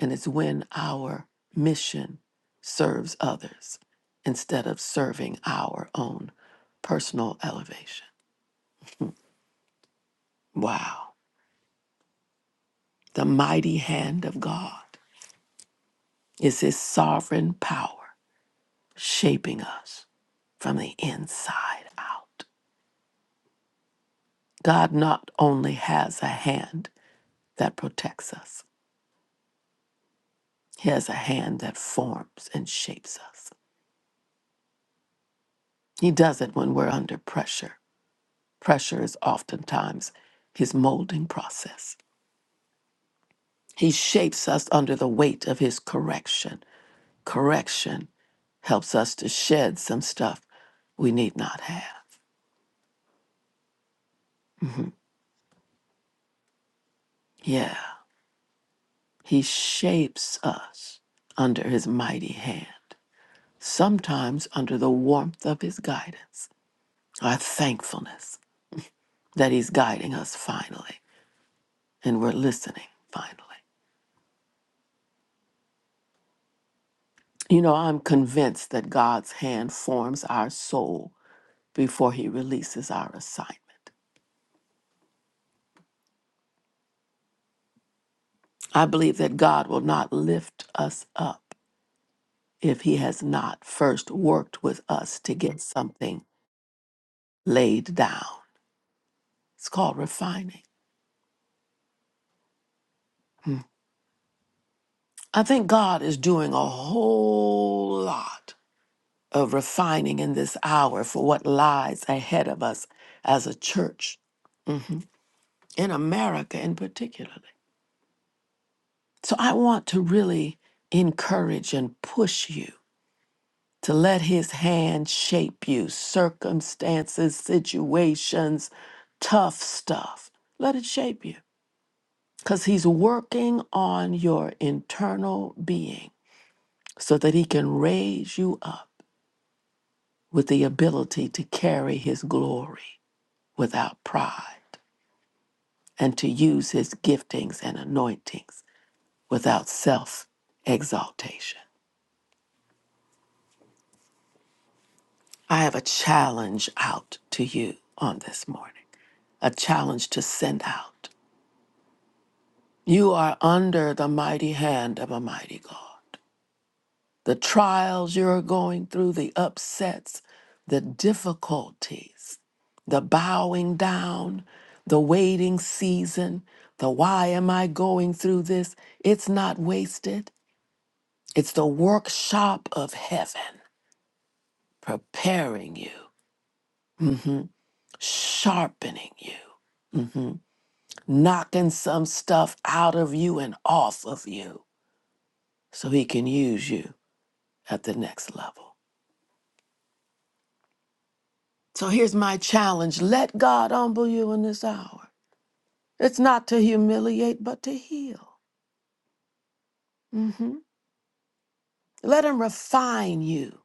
S1: And it's when our mission serves others instead of serving our own personal elevation. Wow. The mighty hand of God is his sovereign power shaping us from the inside out. God not only has a hand that protects us, He has a hand that forms and shapes us. He does it when we're under pressure. His molding process, the weight of His correction. Correction helps us to shed some stuff we need not yet shape us. His man, times under the warmth of His guidance, our thankfulness that He's guiding us finally, and we're listening finally. You know, I'm convinced that God's hand forms our soul before He releases our assignment. I believe that God will not lift us up if He has not first worked with us to get something laid down. It's called refining. I think God is doing a whole lot of refining in this hour for what lies ahead of us as a church, in America in particular. So I want to really encourage and push you to let his hand shape you, circumstances, situations, tough stuff. Let it shape you because he's working on your internal being so that he can raise you up with the ability to carry his glory without pride and to use his giftings and anointings without self exaltation. I have a challenge out to you on this morning, a challenge to send out You are under the mighty hand of a mighty God. The trials you're going through, the upsets, the difficulties, the bowing down, the waiting season, the why am I going through this? It's not wasted. It's the workshop of heaven preparing you, mhm, sharpening you, mhm, knocking some stuff out of you and off of you so he can use you. at the next level. So here's my challenge let God humble you in this hour. It's not to humiliate, but to heal. hmm Let Him refine you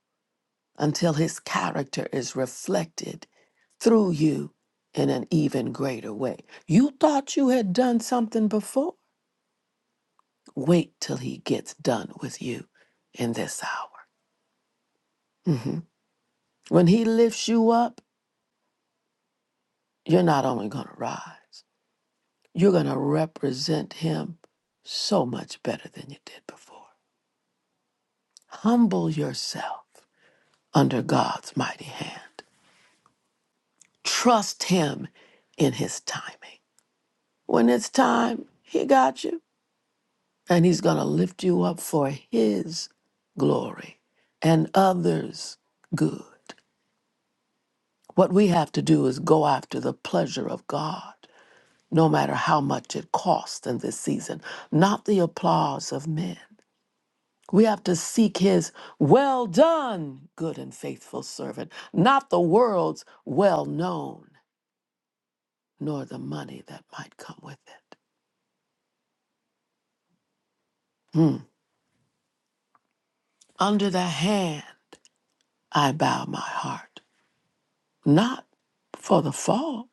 S1: until His character is reflected through you in an even greater way. You thought you had done something before? Wait till He gets done with you in this hour. When He lifts you up, you're not only going to rise. You're going to represent him so much better than you did before. Humble yourself under God's mighty hand. Trust him in his timing. When it's time, he got you, and he's going to lift you up for his glory and others' good. What we have to do is go after the pleasure of God, no matter how much it costs in this season, not the applause of men. We have to seek his well done, good and faithful servant, not the world's well known, nor the money that might come with it. Under the hand I bow my heart, not for the fall,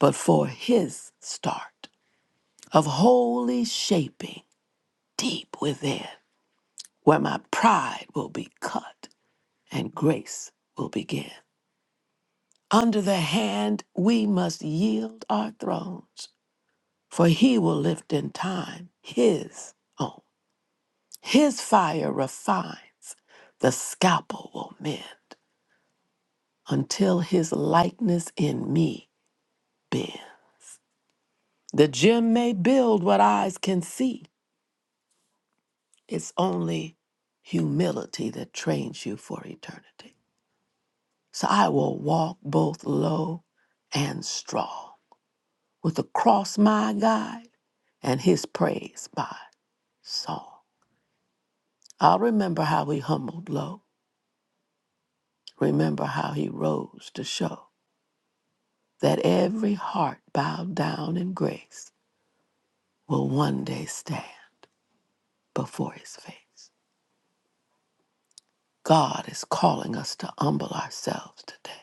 S1: but for his start of holy shaping deep within, where my pride will be cut and grace will begin. Under the hand we must yield our thrones for he will lift in time his own. His fire refines, the scalpel will mend until his likeness in me bend. The gem may build what eyes can see. It's only humility that trains you for eternity. So I will walk both low and strong with the cross my guide and his praise my song. I'll remember how he humbled low Remember how he rose to show that every heart bowed down in grace will one day stand before his face. God is calling us to humble ourselves today,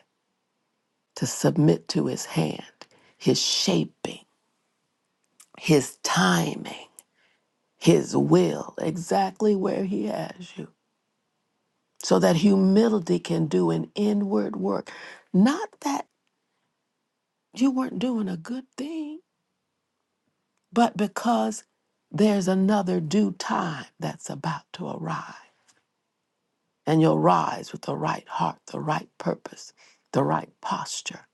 S1: to submit to his hand, his shaping, his timing, his will, exactly where he has you, so that humility can do an inward work. Not that you weren't doing a good thing but because there's another due time that's about to arrive. And you'll rise with the right heart, the right purpose, the right posture.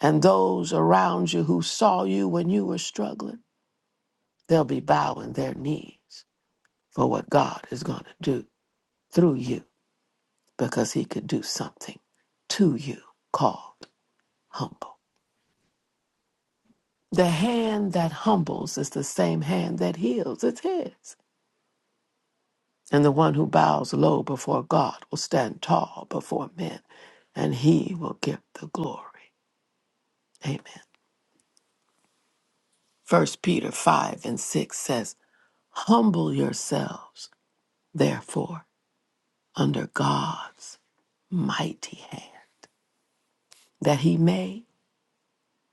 S1: And those around you who saw you when you were struggling, they'll be bowing their knees for what God is going to do through you because He could do something to you called humble. The hand that humbles is the same hand that heals. It's His. And the one who bows low before God will stand tall before men, and he will get the glory. Amen. First Peter 5 and 6 says, Humble yourselves, therefore, under God's mighty hand, that he may,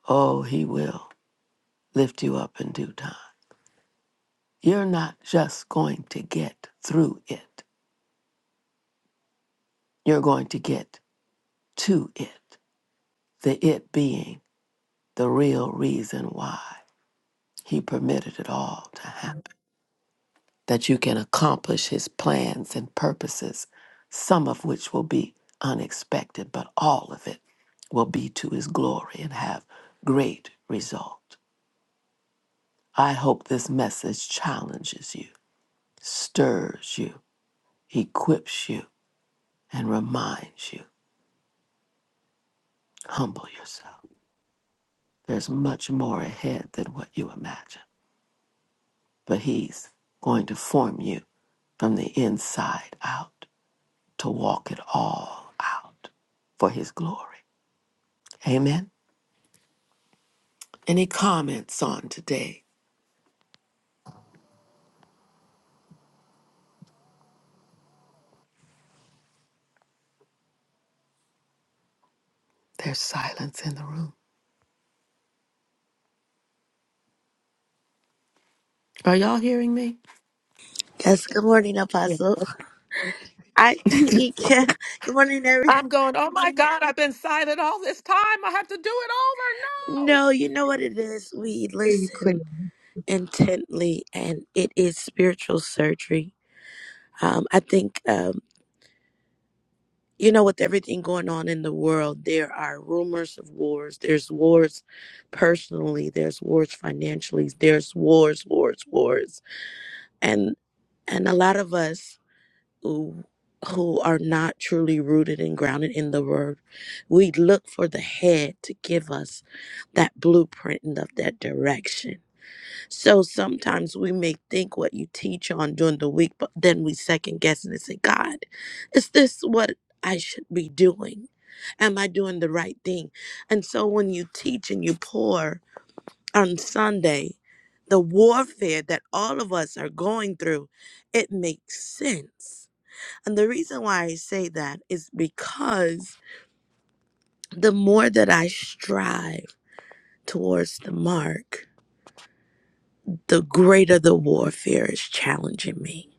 S1: oh, he will lift you up in due time. You're not just going to get through it, you're going to get to it, the it being the real reason why he permitted it all to happen. that you can accomplish his plans and purposes, some of which will be unexpected, but all of it will be to his glory and have great result. I hope this message challenges you, stirs you, equips you, and reminds you. Humble yourself. There's much more ahead than what you imagine, but he's going to form you from the inside out to walk it all out for his glory. Amen. Any comments on today? There's silence in the room. Are y'all hearing me?
S7: Yes, good morning,
S2: Yeah,
S7: Apostle. I Yeah. Good morning, every.
S1: I'm going, oh my God, I've been silent all this time. I have to do it over. No.
S7: No, you know what it is. We
S8: hear you clear.
S7: listen intently, and it is spiritual surgery. Um, I think um, you know with everything going on in the world, there are rumors of wars. There's wars personally. There's wars financially. There's wars, wars, wars, and and a lot of us. who who are not truly rooted and grounded in the word. We look for the head to give us that blueprint and of that direction. So sometimes we may think what you teach on during the week, but then we second guess and say, God, is this what I should be doing? Am I doing the right thing? And so when you teach and you pour on Sunday, the warfare that all of us are going through, it makes sense and the reason why I say that is because the more that I strive towards the mark, the greater the warfare is challenging me.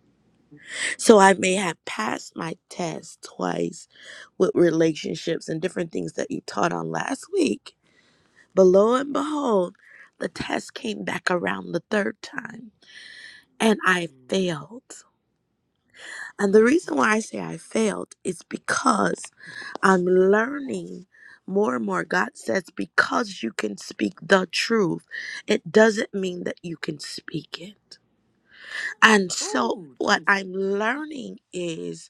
S7: So I may have passed my test twice with relationships and different things that you taught on last week. But lo and behold, the test came back around the third time and I failed. And the reason why I say I failed is because I'm learning more and more. God says, because you can speak the truth, it doesn't mean that you can speak it. And so, what I'm learning is,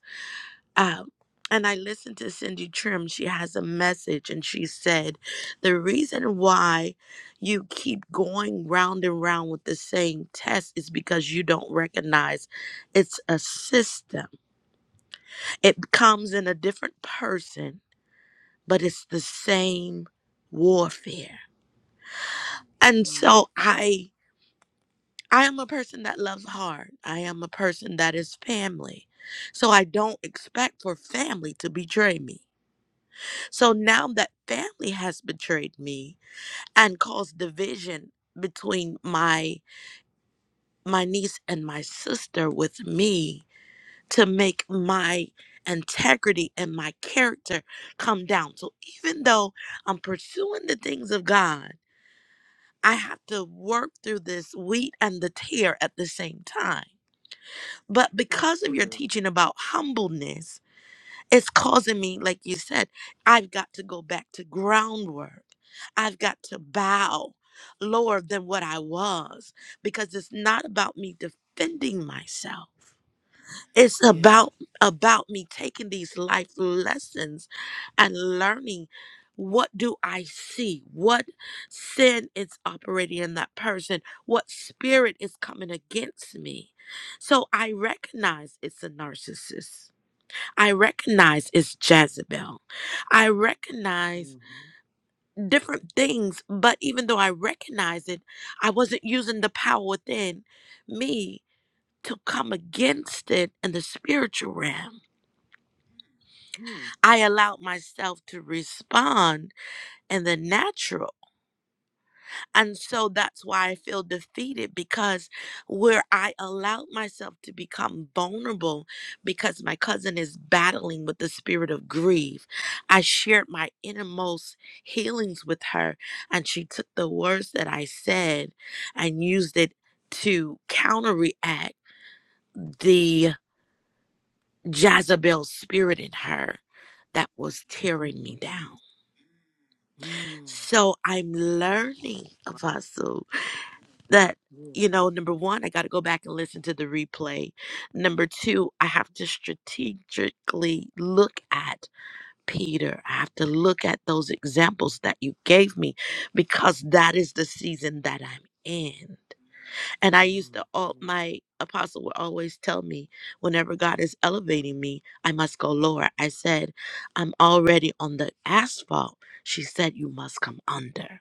S7: um, and I listened to Cindy Trim. She has a message, and she said, The reason why you keep going round and round with the same test is because you don't recognize it's a system. It comes in a different person but it's the same warfare. And so I I am a person that loves hard. I am a person that is family. So I don't expect for family to betray me. So now that family has betrayed me and caused division between my my niece and my sister with me to make my integrity and my character come down. So even though I'm pursuing the things of God, I have to work through this wheat and the tear at the same time. But
S1: That's
S7: because of your
S1: good.
S7: teaching about humbleness, it's causing me, like you said, I've got to go back to groundwork. I've got to bow lower than what I was because it's not about me defending myself. It's
S1: Yes.
S7: about about me taking these life lessons and learning what do I see? What sin is operating in that person? What spirit is coming against me? So I recognize it's a narcissist. I recognize it's Jezebel. I recognize different things, but even though I recognize it, I wasn't using the power within me to come against it in the spiritual realm. I allowed myself to respond in the natural. And so that's why I feel defeated because where I allowed myself to become vulnerable because my cousin is battling with the spirit of grief, I shared my innermost healings with her. And she took the words that I said and used it to counteract the Jezebel spirit in her that was tearing me
S1: Mm,
S7: down.
S1: mm,
S7: So I'm learning, Apostle, that, you know, number one, I got to go back and listen to the replay. Number two, I have to strategically look at Peter. I have to look at those examples that you gave me because that is the season that I'm in. And I used to, all my apostle would always tell me, whenever God is elevating me, I must go lower. I said, I'm already on the asphalt. She said, You must come under.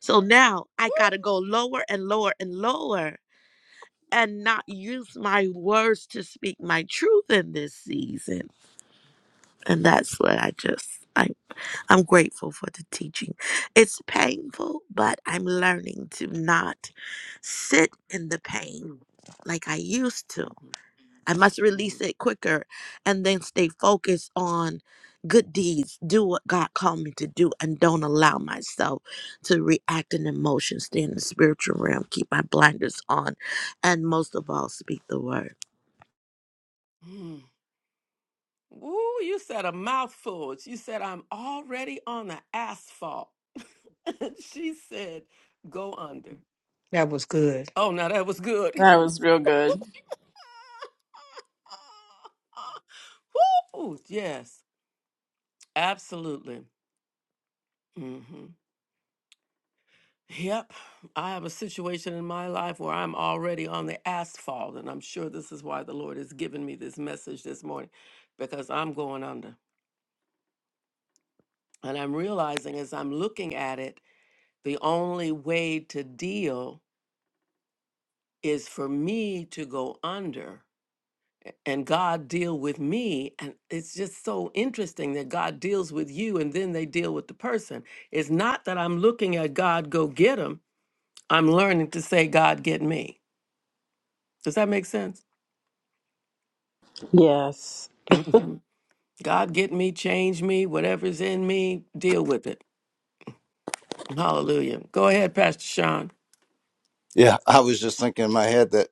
S7: So now I got to go lower and lower and lower and not use my words to speak my truth in this season. And that's what I just I, I'm grateful for the teaching. It's painful, but I'm learning to not sit in the pain
S1: Mm,
S7: like I used to
S1: mhm,
S7: I must
S1: mhm.
S7: release it quicker and then stay focused on good deeds. Do what God called me to do and don't allow myself to react in emotion. Stay in the spiritual realm. Keep my blinders on. And most of all, speak the word.
S1: Mm. Ooh, you said a mouthful. You said, I'm already on the asphalt. she said, go under.
S2: That was good.
S1: Oh, now that was good.
S6: That was real good.
S1: Woo, yes, absolutely. Mm-hmm. Yep. I have a situation in my life where I'm already on the asphalt, and I'm sure this is why the Lord has given me this message this morning because I'm going under. And I'm realizing as I'm looking at it, the only way to deal is for me to go under and God deal with me. And it's just so interesting that God deals with you and then they deal with the person. It's not that I'm looking at God, go get him. I'm learning to say, God, get me. Does that make sense?
S5: yes,
S1: hmm God, get me, change me, whatever's in me, deal with it. Hallelujah. Go ahead, Pastor Sean.
S9: Yeah, I was just thinking in my head that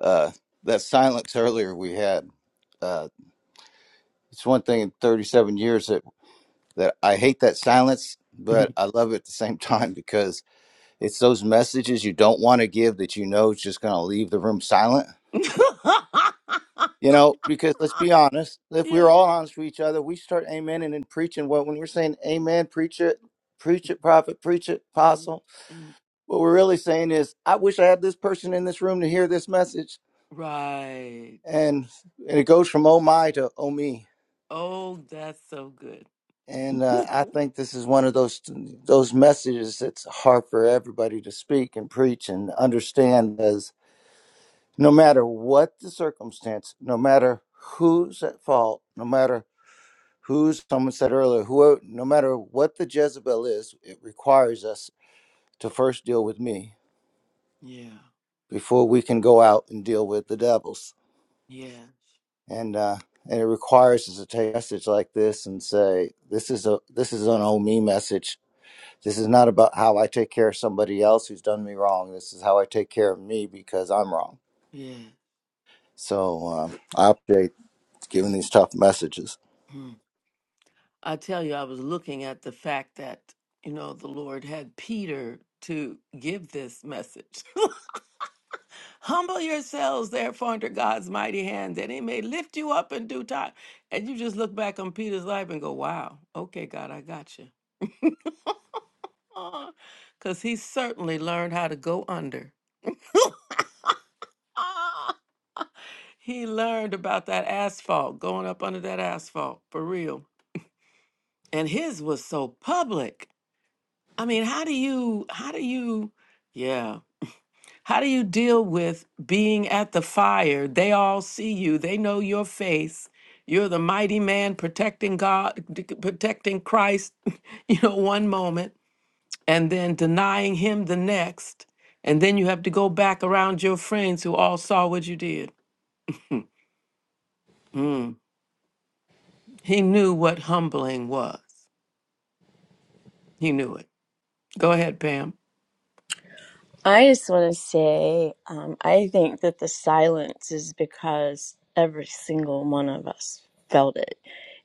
S9: uh, that silence earlier we had. Uh, it's one thing in 37 years that that I hate that silence,
S1: yeah.
S9: but I love it at the same time because it's those messages you don't want to give that you know is just going to leave the room silent. You know, because let's be honest, if we were all honest with each other, we start amen and then preaching what when we're saying amen, preach it, preach it, prophet, preach it,
S1: Mm,
S9: apostle.
S1: mm.
S9: What we're really saying is, I wish I had this person in this room to hear this message
S1: Right.
S9: and and it goes from oh my to oh me
S1: Oh, that's so good.
S9: and uh, i think this is one of those those messages that's hard for everybody to speak and preach and understand as no matter what the circumstance no matter who's at fault no matter who's someone said earlier who no matter what the jezebel is it requires us to first deal with me before we can go out and deal with the devils and uh, and it requires us to take a message like this and say this is a this is an oh me message. This is not about how I take care of somebody else who's done me wrong. This is how I take care of me because I'm wrong. So um, I update giving these tough messages.
S1: Hmm. I tell you, I was looking at the fact that, you know, the Lord had Peter to give this message. Humble yourselves, therefore, under God's mighty hand, that he may lift you up in due time. And you just look back on Peter's life and go, wow, okay, God, I got you. Because he certainly learned how to go under. Ah, He learned about that asphalt, going up under that asphalt, for real. And his was so public. I mean, how do you, how do you, yeah. How do you deal with being at the fire? They all see you. They know your face. You're the mighty man protecting God, d- protecting Christ, you know, one moment, and then denying him the next. And then you have to go back around your friends who all saw what you did. Mm. He knew what humbling was. He knew it. Go ahead, Pam.
S6: I just want to say, um, I think that the silence is because every single one of us felt it.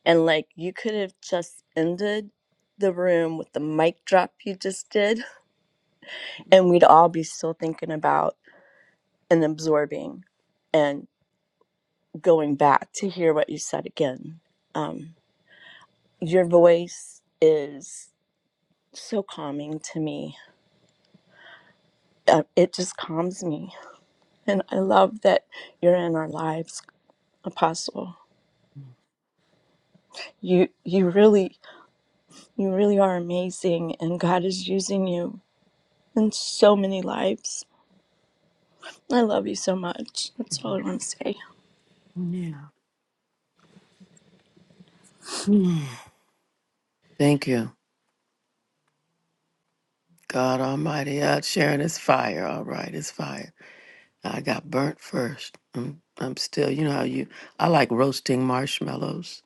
S6: And like, you could have just ended the room with the mic drop you just did, and we'd all be still thinking about and absorbing and going back to hear what you said again. Um, your voice is. so calming to me. Uh, It just calms me. And I love that you're in our lives, Apostle. You you really you really are amazing and God is using you in so many lives. I love you so much. That's all I want to say.
S1: Yeah. Thank you. God Almighty out sharing his fire. All right, it's fire. I got burnt first. I'm, I'm still, you know how you, I like roasting marshmallows.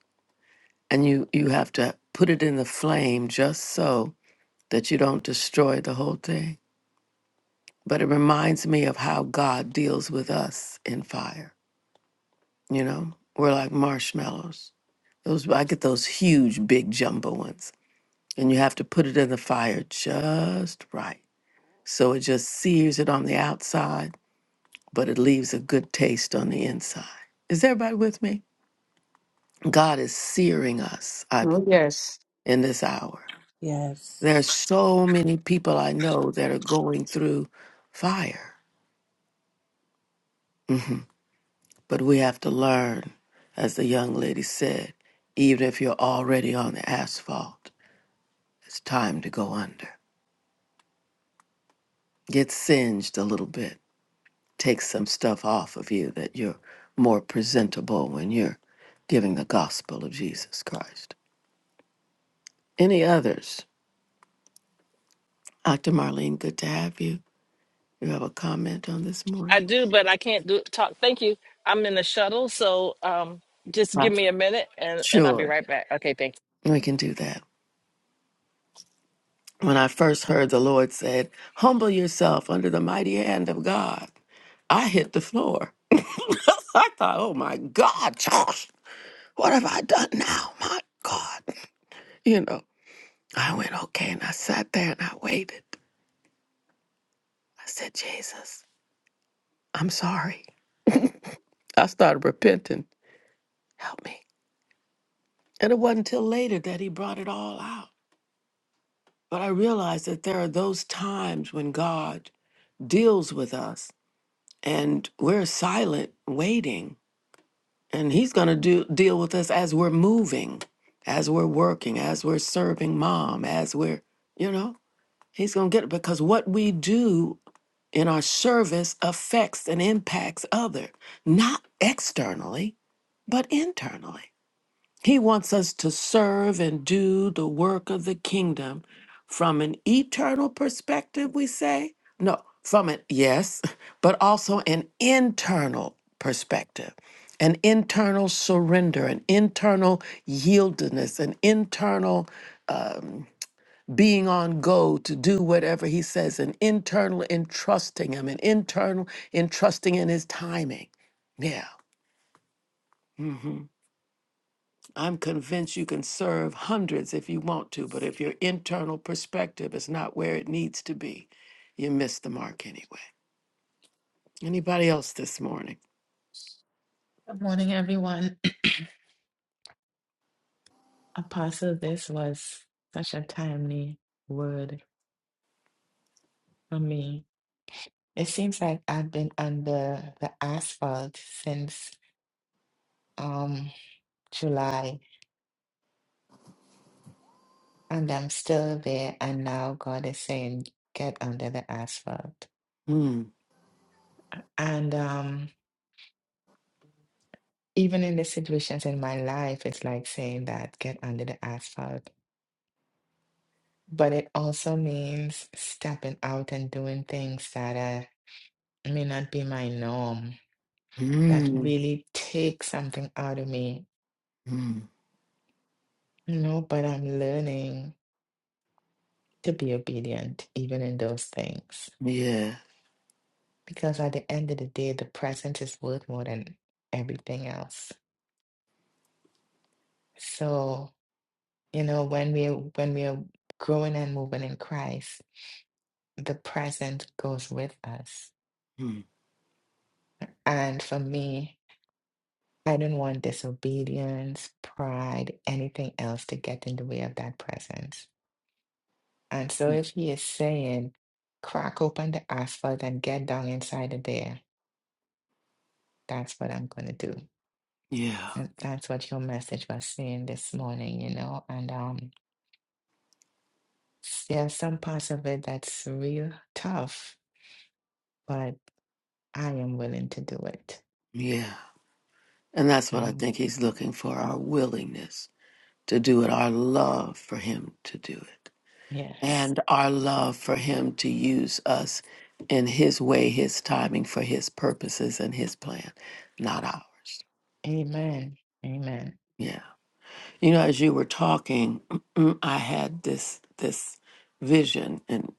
S1: And you, you have to put it in the flame just so that you don't destroy the whole thing. But it reminds me of how God deals with us in fire. You know, we're like marshmallows. Those, I get those huge, big jumbo ones. And you have to put it in the fire just right. So it just sears it on the outside, but it leaves a good taste on the inside. Is everybody with me? God is searing us, I believe,
S2: Oh, yes.
S1: in this hour.
S5: yes.
S1: There are so many people I know that are going through fire, but we have to learn, as the young lady said, even if you're already on the asphalt, it's time to go under. Get singed a little bit. Take some stuff off of you that you're more presentable when you're giving the gospel of Jesus Christ. Any others? Dr. Marlene, good to have you. You have a comment on this
S10: I
S1: morning?
S10: do, but I can't do talk. Thank you. I'm in a shuttle, so um, just give me a minute, and and I'll be
S1: Sure,
S10: right back. Okay, thanks.
S1: we can do that. When I first heard the Lord said, Humble yourself under the mighty hand of God, I hit the floor. I thought, Oh my God, Josh, what have I done now? My God. You know, I went, Okay, and I sat there and I waited. I said, Jesus, I'm sorry. I started repenting. Help me. And it wasn't till later that He brought it all out. But I realized that there are those times when God deals with us and we're silent waiting and he's going to do deal with us as we're moving as we're working as we're serving mom as we're you know he's going to get it because what we do in our service affects and impacts other not externally but internally he wants us to serve and do the work of the kingdom from an eternal perspective, we say. No, from an, yes, but also an internal perspective, an internal surrender, an internal yieldedness, an internal um, being on go to do whatever he says, an internal entrusting him, an internal entrusting in his timing. Yeah. I'm convinced you can serve hundreds if you want to, but if your internal perspective is not where it needs to be, you miss the mark anyway. Anybody else this morning?
S11: Good morning, everyone. Apostle, this was such a timely word for me. It seems like I've been under the asphalt since um, July, and I'm still there. And now God is saying, get under the asphalt. And um, even in the situations in my life, it's like saying that, get under the asphalt. But it also means stepping out and doing things that uh, may not be my norm that
S1: Mm,
S11: really takes something out of me, you know, but I'm learning to be obedient even in those things
S1: yeah,
S11: because at the end of the day, the present is worth more than everything else. So, you know, when we when we are growing and moving in Christ, the present goes with us. And for me, I don't want disobedience, pride, anything else to get in the way of that presence. And so if he is saying, crack open the asphalt and get down inside of there, that's what I'm gonna do. And that's what your message was saying this morning, you know. And um there are some parts of it that's real tough, but I am willing to do it.
S1: yeah. And that's what I
S11: Um
S1: think he's looking for our willingness to do it, our love for him to do it,
S11: yes.
S1: and our love for him to use us in his way, his timing, for his purposes and his plan, not ours.
S11: Amen. Amen.
S1: Yeah. You know, as you were talking, I had this this vision, and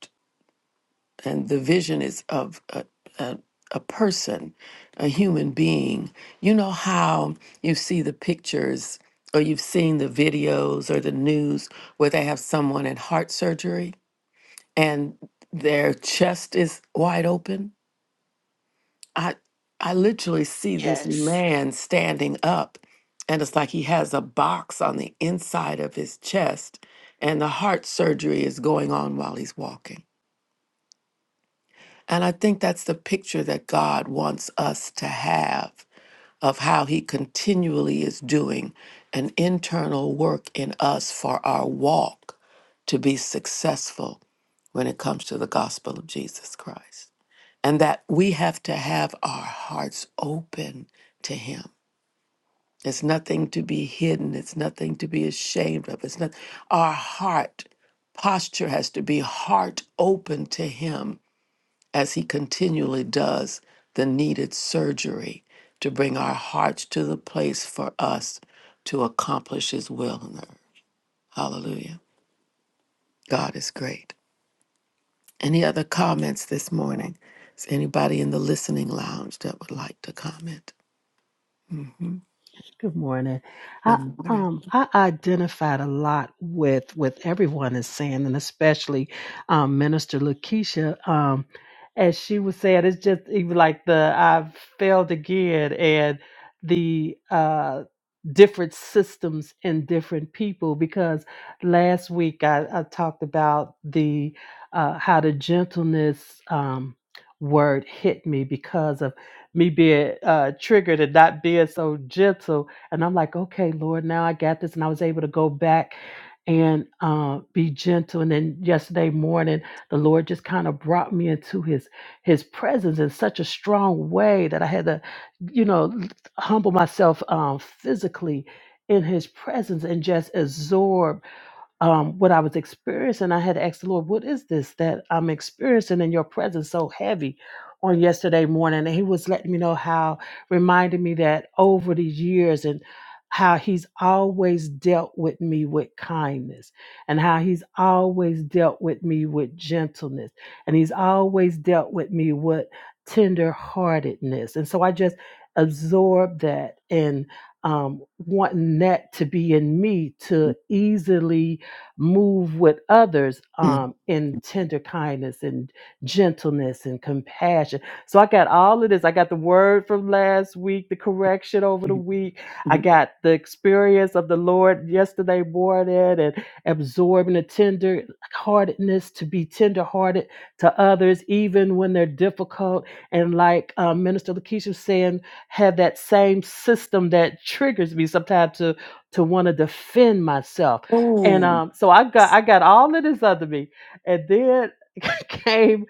S1: and the vision is of a, a a person, a human being. You know how you see the pictures, or you've seen the videos or the news where they have someone in heart surgery and their chest is wide open I I literally see this
S11: Yes.
S1: man standing up and it's like he has a box on the inside of his chest and the heart surgery is going on while he's walking. And I think that's the picture that God wants us to have of how he continually is doing an internal work in us for our walk to be successful when it comes to the gospel of Jesus Christ and that we have to have our hearts open to him it's nothing to be hidden it's nothing to be ashamed of it's not our heart posture has to be heart open to him as he continually does the needed surgery to bring our hearts to the place for us to accomplish his will on earth hallelujah god is great any other comments this morning is anybody in the listening lounge that would like to comment
S4: Good morning. I
S1: Good morning.
S4: um I identified a lot with with everyone is saying, and especially um, Minister Lakeisha. Um, as she was saying, it's just even like the I've failed again, and the uh different systems and different people. Because last week I, I talked about the uh, how the gentleness um, word hit me because of. me being uh, triggered and not being so gentle. And I'm like, okay, Lord, now I got this. And I was able to go back and uh, be gentle. And then yesterday morning, the Lord just kind of brought me into His His presence in such a strong way that I had to, you know, humble myself um, physically in His presence and just absorb um, what I was experiencing. I had asked the Lord, What is this that I'm experiencing in your presence so heavy on yesterday morning? And He was letting me know how, reminding me that over the years and how He's always dealt with me with kindness and how He's always dealt with me with gentleness and He's always dealt with me with tenderheartedness. And so I just absorbed that and um, wanting that to be in me to easily move with others um, in tender kindness and gentleness and compassion. So I got all of this. I got the word from last week, the correction over the week. I
S1: Mhm.
S4: got the experience of the Lord yesterday morning and absorbing the tender heartedness to be tender hearted to others, even when they're difficult. And like um, Minister Lakeisha was saying, have that same system that triggers me sometimes to to want to defend myself and
S1: Oh,
S4: um, so I got I got all of this under me, and then came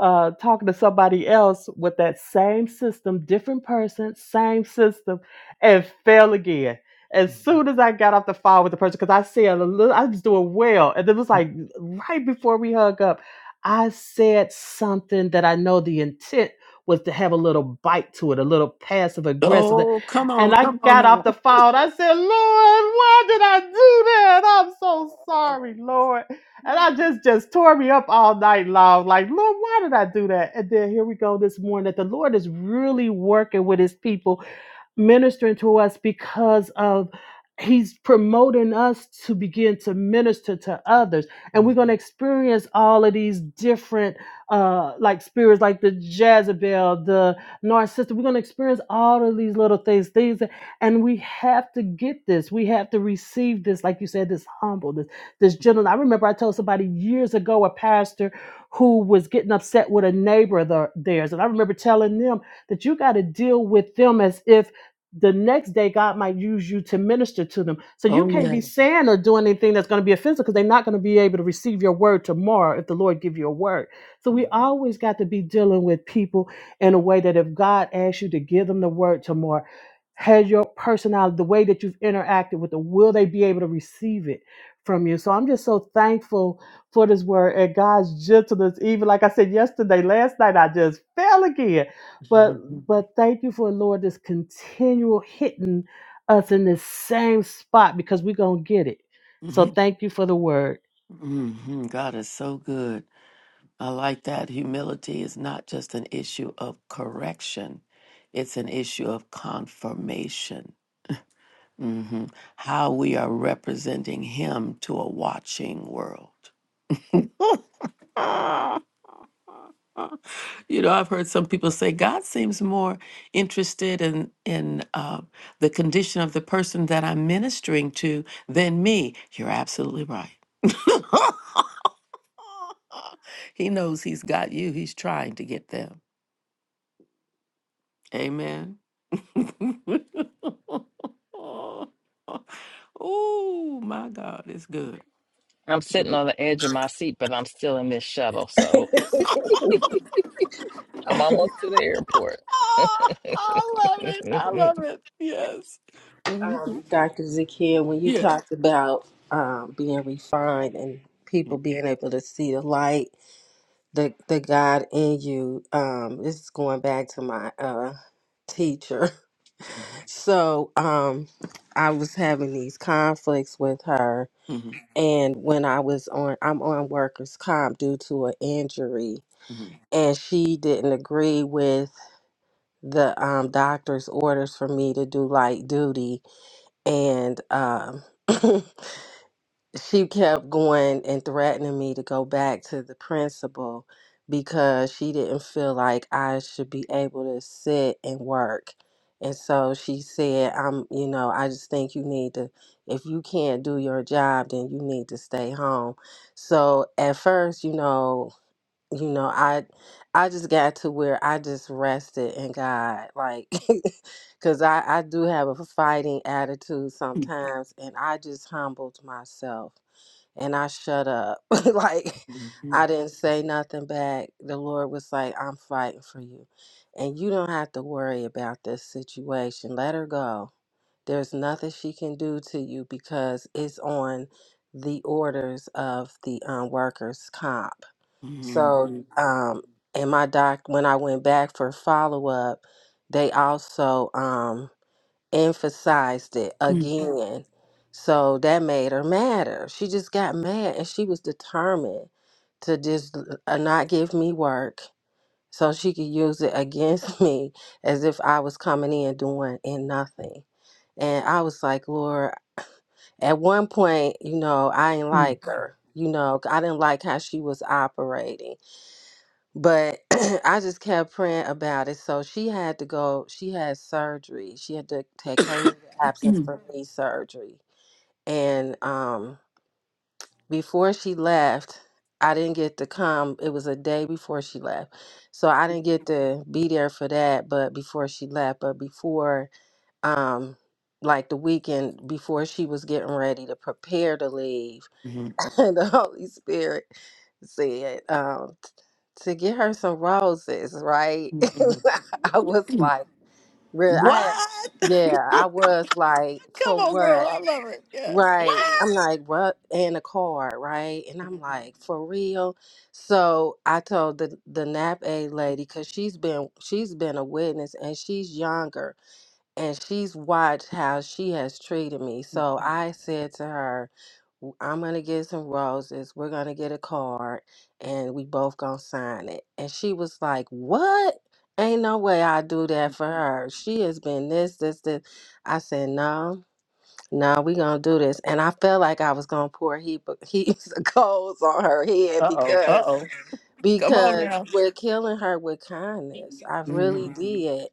S4: uh, talking to somebody else with that same system, different person, same system, and fell again. As soon as I got off the phone with the person, because I said a little, I was doing well, and it was like right before we hung up, I said something that I know the intent was to have a little bite to it, a little passive aggressive.
S1: oh, come on,
S4: And I
S1: come on
S4: got off
S1: now.
S4: the phone. I said, Lord, why did I do that? I'm so sorry, Lord. And I just just tore me up all night long. Like, Lord, why did I do that? And then here we go this morning that the Lord is really working with his people ministering to us because of he's promoting us to begin to minister to others and we're going to experience all of these different uh like spirits like the jezebel the narcissist we're going to experience all of these little things things that, and we have to get this we have to receive this like you said this humble this this gentleman i remember i told somebody years ago a pastor who was getting upset with a neighbor of the- theirs and i remember telling them that you got to deal with them as if the next day God might use you to minister to them. So you
S1: Oh,
S4: can't be
S1: yeah.
S4: saying or doing anything that's going to be offensive because they're not going to be able to receive your word tomorrow if the Lord give you a word. So we always got to be dealing with people in a way that if God asks you to give them the word tomorrow, has your personality, the way that you've interacted with them, will they be able to receive it from you? So I'm just so thankful for this word and God's gentleness. Even like I said yesterday, last night I just fell again but but thank you for Lord this continual hitting us in the same spot because we're gonna get it. So thank you for the word.
S1: hmm God is so good. I like that. Humility is not just an issue of correction, it's an issue of confirmation. hmm How we are representing Him to a watching world. you know, I've heard some people say God seems more interested in in uh, the condition of the person that I'm ministering to than me. You're absolutely right. he knows he's got you. He's trying to get them. Amen. oh my God, it's good.
S10: I'm sitting on the edge of my seat, but I'm still in this shuttle, so I'm almost to the airport.
S5: Um, Dr. Zakia, when you talked about um, being refined and people being able to see the light, the the God in you, um, this is going back to my uh, teacher. So um, I was having these conflicts with her and when I was on, I'm on workers' comp due to an injury, and she didn't agree with the um, doctor's orders for me to do light duty, and um, she kept going and threatening me to go back to the principal because she didn't feel like I should be able to sit and work. And so she said, I'm, you know, I just think you need to, if you can't do your job, then you need to stay home. So at first, you know, you know, I, I just got to where I just rested in God, like, cause I, I do have a fighting attitude sometimes and I just humbled myself and I shut up. like I didn't say nothing back. The Lord was like, I'm fighting for you. And you don't have to worry about this situation. Let her go. There's nothing she can do to you because it's on the orders of the um, workers' comp. So, um, and my doc, when I went back for follow up, they also, um emphasized it again. So that made her madder. She just got mad and she was determined to just uh, not give me work so she could use it against me as if I was coming in doing and nothing. And I was like, Lord, at one point, you know, I didn't like her. You know, I didn't like how she was operating. But I just kept praying about it. So she had to go, she had surgery. She had to take her leave of absence for knee surgery. And um, before she left, I didn't get to come. It was a day before she left. So I didn't get to be there for that, but before she left, but before um like the weekend before she was getting ready to prepare to leave, and the Holy Spirit said um, to get her some roses, right? I was like, really? I had, yeah, I was like, for what? Right. I'm like, what? And a card, right? And I'm like, for real? So I told the the nap aid lady because she's been she's been a witness and she's younger and she's watched how she has treated me. So I said to her, I'm gonna get some roses. We're gonna get a card, and we both gonna sign it. And she was like, "What? Ain't no way I do that for her. She has been this, this, this." I said, "No, no, we gonna do this." And I felt like I was gonna pour heap of, heaps of coals on her head
S1: Uh oh. Uh
S5: because
S1: oh. Come on
S5: because
S1: now.
S5: we're killing her with kindness. I really did.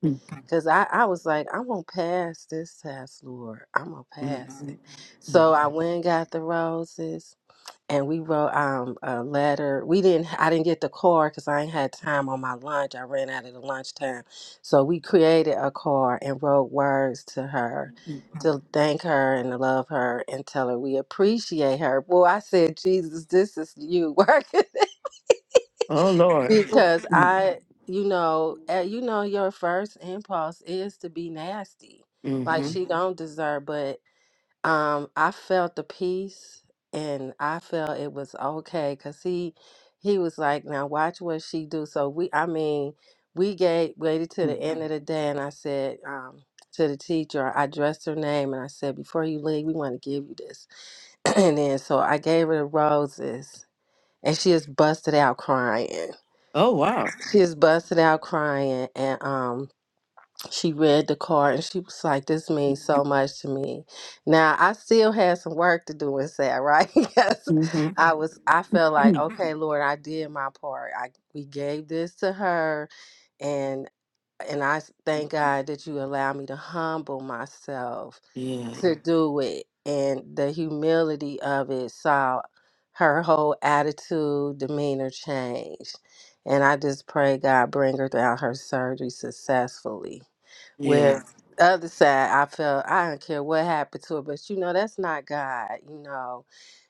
S5: Cause I, I was like, I'm gonna pass this test, Lord. I'm gonna pass it. So I went and got the roses, and we wrote um a letter. We didn't. I didn't get the card because I ain't had time on my lunch. I ran out of the lunchtime. So we created a card and wrote words to her, to thank her and to love her and tell her we appreciate her. Boy, I said, Jesus, this is you working
S1: Oh Lord.
S5: because I, you know, uh, you know, your first impulse is to be nasty, like she Mhm. don't deserve. But um, I felt the peace, and I felt it was okay because he, he was like, now watch what she do. So we, I mean, we gave waited to the end of the day, and I said um, to the teacher, I dressed her name, and I said, before you leave, we want to give you this, and then so I gave her the roses, and she just busted out crying.
S1: Oh wow.
S5: She was busting out crying and um she read the card and she was like, This means so much to me. Now I still had some work to do and say, right? Because I was I felt like, okay, Lord, I did my part. I we gave this to her and I s- thank God that you allow me to humble myself to do it. And the humility of it saw her whole attitude, demeanor change. And I just pray God bring her down her surgery successfully. Where the other side, I felt I don't care what happened to her, but you know, that's not God, you know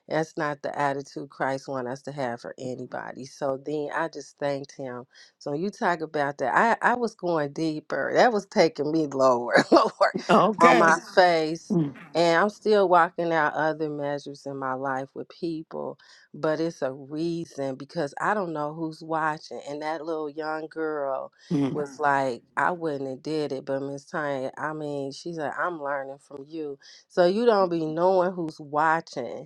S5: that's not the attitude Christ wants us to have for anybody. So then I just thanked him. So when you talk about that. I, I was going deeper. That was taking me lower, lower on
S1: Okay.
S5: my face. And I'm still walking out other measures in my life with people, but it's a reason because I don't know who's watching. And that little young girl was Mhm. like, I wouldn't have did it, but Miss Tanya, I mean, she's like, I'm learning from you. So you don't be knowing who's watching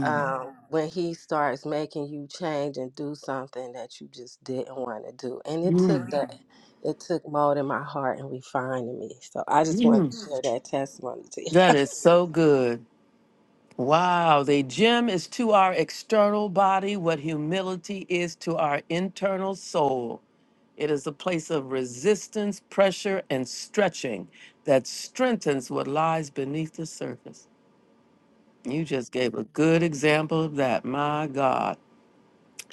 S5: um, when he starts making you change and do something that you just didn't want to do. And it took that, Mhm. it took molding my heart and refining me. So I just want to
S1: Mm,
S5: share that testimony to
S1: that is so good. Wow, the gem is to our external body what humility is to our internal soul. It is a place of resistance, pressure, and stretching that strengthens what lies beneath the surface. You just gave a good example of that. My God.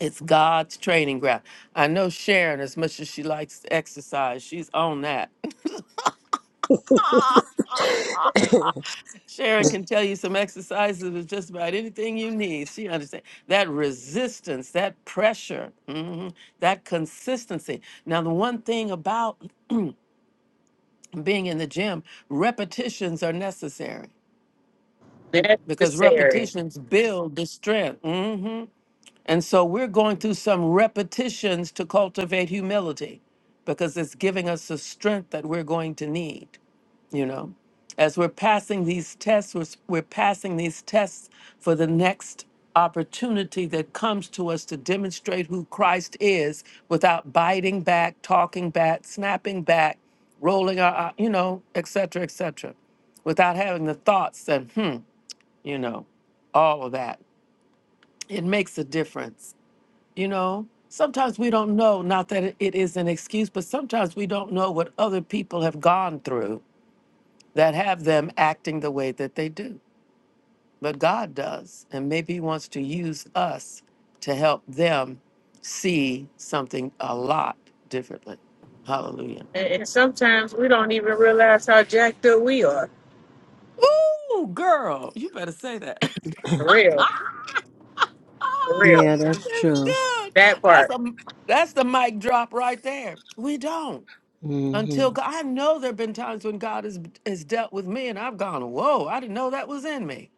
S1: It's God's training ground. I know Sharon, as much as she likes to exercise, she's on that.
S5: you.
S1: Sharon can tell you some exercises with just about anything you need. She understands that resistance, that pressure, mhm, that consistency. Now, the one thing about being in the gym, repetitions are necessary because
S2: Necessary.
S1: repetitions build the strength. mhm. And so we're going through some repetitions to cultivate humility because it's giving us the strength that we're going to need. you know as we're passing these tests we're, we're passing these tests for the next opportunity that comes to us to demonstrate who christ is without biting back talking back snapping back rolling our eye- you know et cetera et cetera without having the thoughts and hmm you know all of that it makes a difference you know sometimes we don't know not that it it is an excuse but sometimes we don't know what other people have gone through that have them acting the way that they do. But God does. And maybe He wants to use us to help them see something a lot differently. Hallelujah.
S2: And, and sometimes we don't even realize how jacked up we are.
S1: Ooh, girl, you better say that.
S2: For real. For
S1: oh,
S2: real.
S5: Yeah, that's
S1: that's
S5: true.
S1: good.
S2: That
S1: That's
S2: part.
S1: a that's the mic drop right there. We don't. Until God, I know there have been times when God has, has dealt with me and I've gone, whoa, I didn't know that was in me.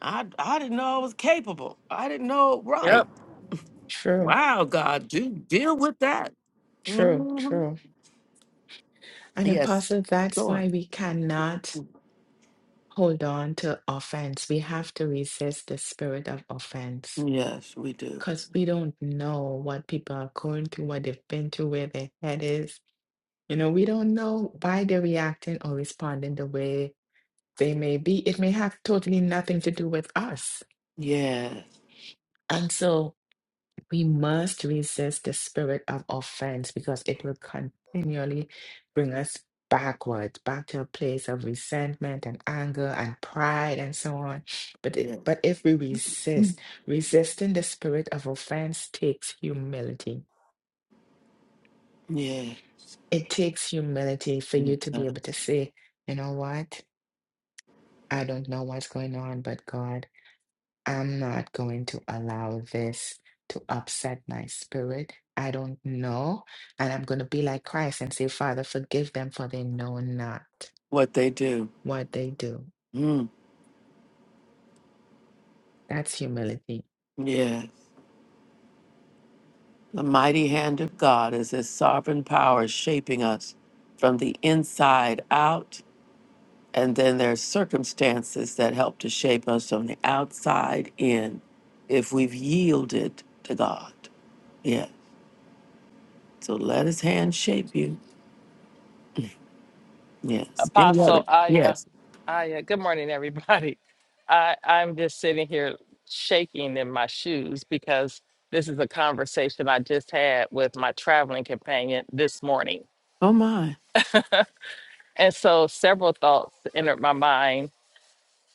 S1: I, I didn't know I was capable. I didn't know it
S2: Yep.
S1: right
S11: True.
S1: Wow, God, do deal with that.
S11: True.
S1: hmm
S11: True. And
S1: Yes,
S11: apostle, that's
S1: sure.
S11: why we cannot hold on to offense. We have to resist the spirit of offense
S1: Yes, we do.
S11: because we don't know what people are going through, what they've been through, where their head is. You know, we don't know why they're reacting or responding the way they may be. It may have totally nothing to do with us. And so We must resist the spirit of offense because it will continually bring us backwards, back to a place of resentment and anger and pride and so on. But it, but if we resist, resisting the spirit of offense takes humility. It takes humility for you to be able to say, you know what? I don't know what's going on, but God. I'm not going to allow this to upset my spirit. I don't know. And I'm going to be like Christ and say, Father, forgive them, for they know not
S1: What they do.
S11: what they do.
S1: Mm.
S11: That's humility.
S1: Yes. The mighty hand of God is his sovereign power shaping us from the inside out. And then there's circumstances that help to shape us from the outside in if we've yielded to God. Yes. So let his hand shape you. Yes. Any
S10: Apostle
S1: other?
S10: Aya,
S1: Yes.
S10: Aya. Good morning, everybody. I I'm just sitting here shaking in my shoes because this is a conversation I just had with my traveling companion this morning,
S1: Oh my.
S10: and so several thoughts entered my mind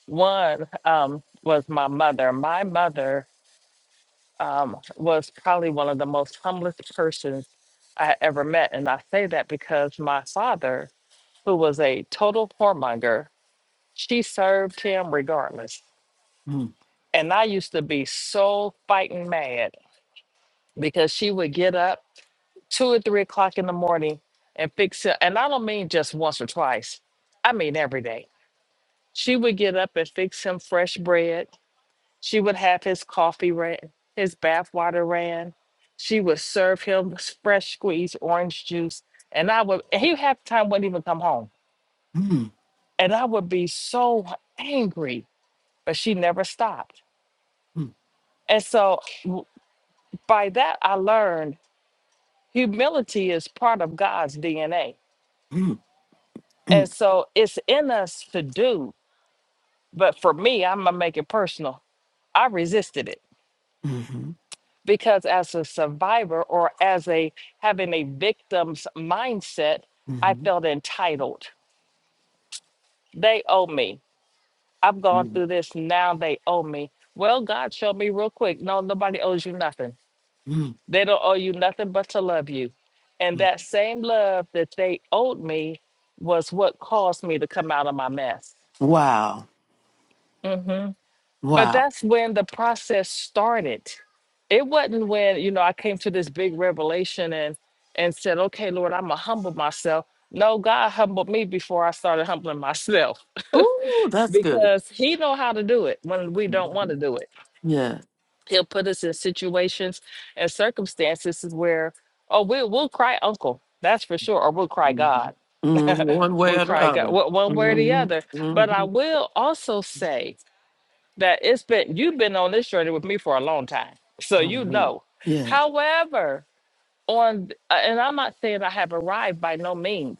S10: One um, was my mother. My mother um, was probably one of the most humblest persons I ever met. And I say that because my father, who was a total whoremonger, she served him regardless. And I used to be so fighting mad because she would get up two or three o'clock in the morning and fix it. And I don't mean just once or twice, I mean every day. She would get up and fix him fresh bread She would have his coffee ran, his bath water ran. She would serve him fresh squeezed orange juice. And I would, and he half the time wouldn't even come home. And I would be so angry, but she never stopped. And so w- by that, I learned humility is part of God's DNA. And so it's in us to do. But for me, I'm going to make it personal. I resisted it. because as a survivor or as a having a victim's mindset i felt entitled they owe me i've gone through this now they owe me well god showed me real quick no nobody owes you nothing they don't owe you nothing but to love you and that same love that they owed me was what caused me to come out of my mess
S1: Wow.
S10: Mm-hmm. But
S1: Wow.
S10: that's when the process started. It wasn't when, you know, I came to this big revelation and and said, "Okay, Lord, I'm gonna humble myself." No, God humbled me before I started humbling myself
S1: Ooh, that's good.
S10: because he know how to do it when we don't want to do it.
S1: Yeah.
S10: He'll put us in situations and circumstances where oh, we will we'll cry uncle. That's for sure, or we'll cry
S1: Mm,
S10: God.
S1: one way
S10: we'll
S1: or the
S10: cry God,
S1: other.
S10: one one way or the
S1: hmm
S10: other. But I
S1: hmm
S10: will also say that it's been you've been on this journey with me for a long time so you know
S1: Yeah.
S10: however on th- uh, and i'm not saying i have arrived by no means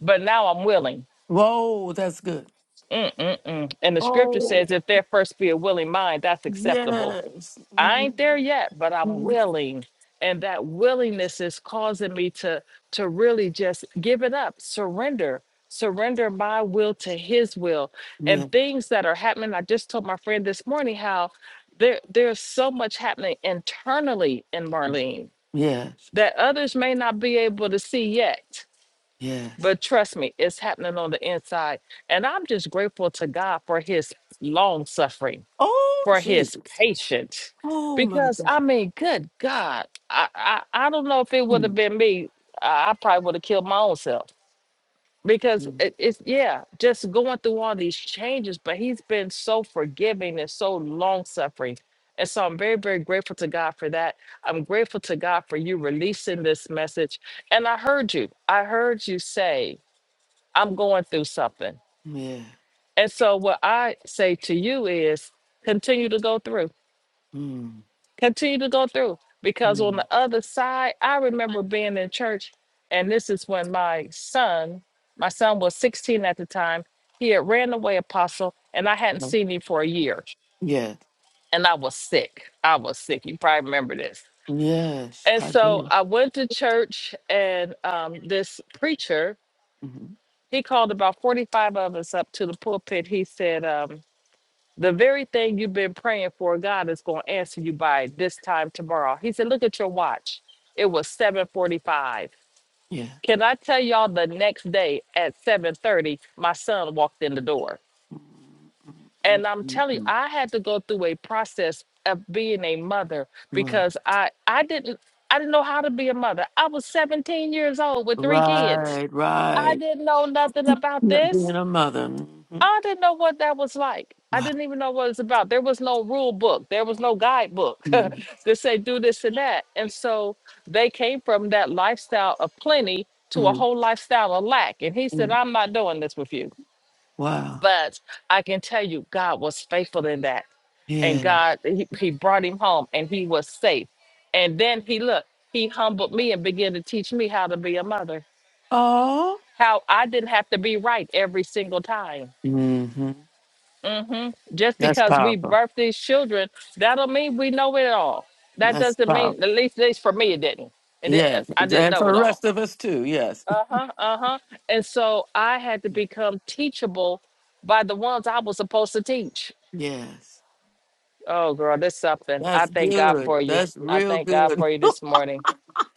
S10: but now i'm willing
S1: Whoa, that's good.
S10: Mm-mm-mm. and the scripture
S1: Oh,
S10: says if there first be a willing mind that's acceptable
S1: yes.
S10: I ain't there
S1: hmm
S10: yet, but I'm willing. And that willingness is causing me to to really just give it up, surrender, surrender my will to his will. And
S1: Yeah.
S10: things that are happening, I just told my friend this morning how there there's so much happening internally in Marlene that others may not be able to see yet. But trust me, it's happening on the inside. And I'm just grateful to God for his long suffering
S1: Oh,
S10: for his patience.
S1: oh my.
S10: Because I mean, good God, I I, I don't know if it would have been me, I, I probably would have killed my own self. Because it, it's yeah, just going through all these changes, but he's been so forgiving and so long suffering. And so I'm very, very grateful to God for that. I'm grateful to God for you releasing this message. And I heard you. I heard you say, I'm going through something.
S1: Yeah.
S10: And so what I say to you is continue to go through
S1: mm
S10: continue to go through because on
S1: mm.
S10: the other side i remember being in church and this is when my son my son was 16 at the time he had ran away apostle and i hadn't seen him for a year
S1: Yeah.
S10: and i was sick i was sick you probably remember this
S1: Yes, Yes,
S10: and
S1: I
S10: so
S1: do.
S10: i went to church and um, this preacher
S1: hmm
S10: he called about 45 of us up to the pulpit he said um, The very thing you've been praying for, God is going to answer you by this time tomorrow. He said, look at your watch. It was 745.
S1: Yes.
S10: Can I tell y'all the next day at 730, my son walked in the door. And I'm telling you,
S1: Mm-mm-mm-mm-mm.
S10: I had to go through a process of being a mother because I I didn't I didn't know how to be a mother. I was 17 years old with three kids.
S1: Right, right.
S10: I didn't know nothing about
S1: right.
S10: this.
S1: Being a mother. hmm
S10: I didn't know what that was like. I
S1: Wow.
S10: didn't even know what it was about. There was no rule book. There was no guidebook
S1: Mm-hmm.
S10: to say do this and that. And so they came from that lifestyle of plenty to a
S1: Mm-hmm.
S10: whole lifestyle of lack. And he
S1: Yeah.
S10: said, I'm not doing this with you.
S1: Wow.
S10: But I can tell you, God was faithful in that. And
S1: Yeah.
S10: God, he, he brought him home and he was safe. And then he looked, he humbled me and began to teach me how to be a mother,
S1: Oh,
S10: how I didn't have to be right every single time
S1: Mm-hmm.
S10: hmm Just
S1: That's
S10: because we
S1: powerful.
S10: birth these children, that don't mean we know it all. That
S1: That's
S10: doesn't
S1: powerful.
S10: mean, at least, at least for me, it didn't. It didn't.
S1: Yes.
S10: I didn't
S1: And
S10: know
S1: for the
S10: it all.
S1: rest of us too. Yes.
S10: Uh huh. Uh huh. And so I had to become teachable by the ones I was supposed to teach.
S1: Yes.
S10: Oh, girl, that's something. I
S1: That's
S10: thank God
S1: good.
S10: for you.
S1: That's
S10: I
S1: real
S10: thank God
S1: good.
S10: for you this morning.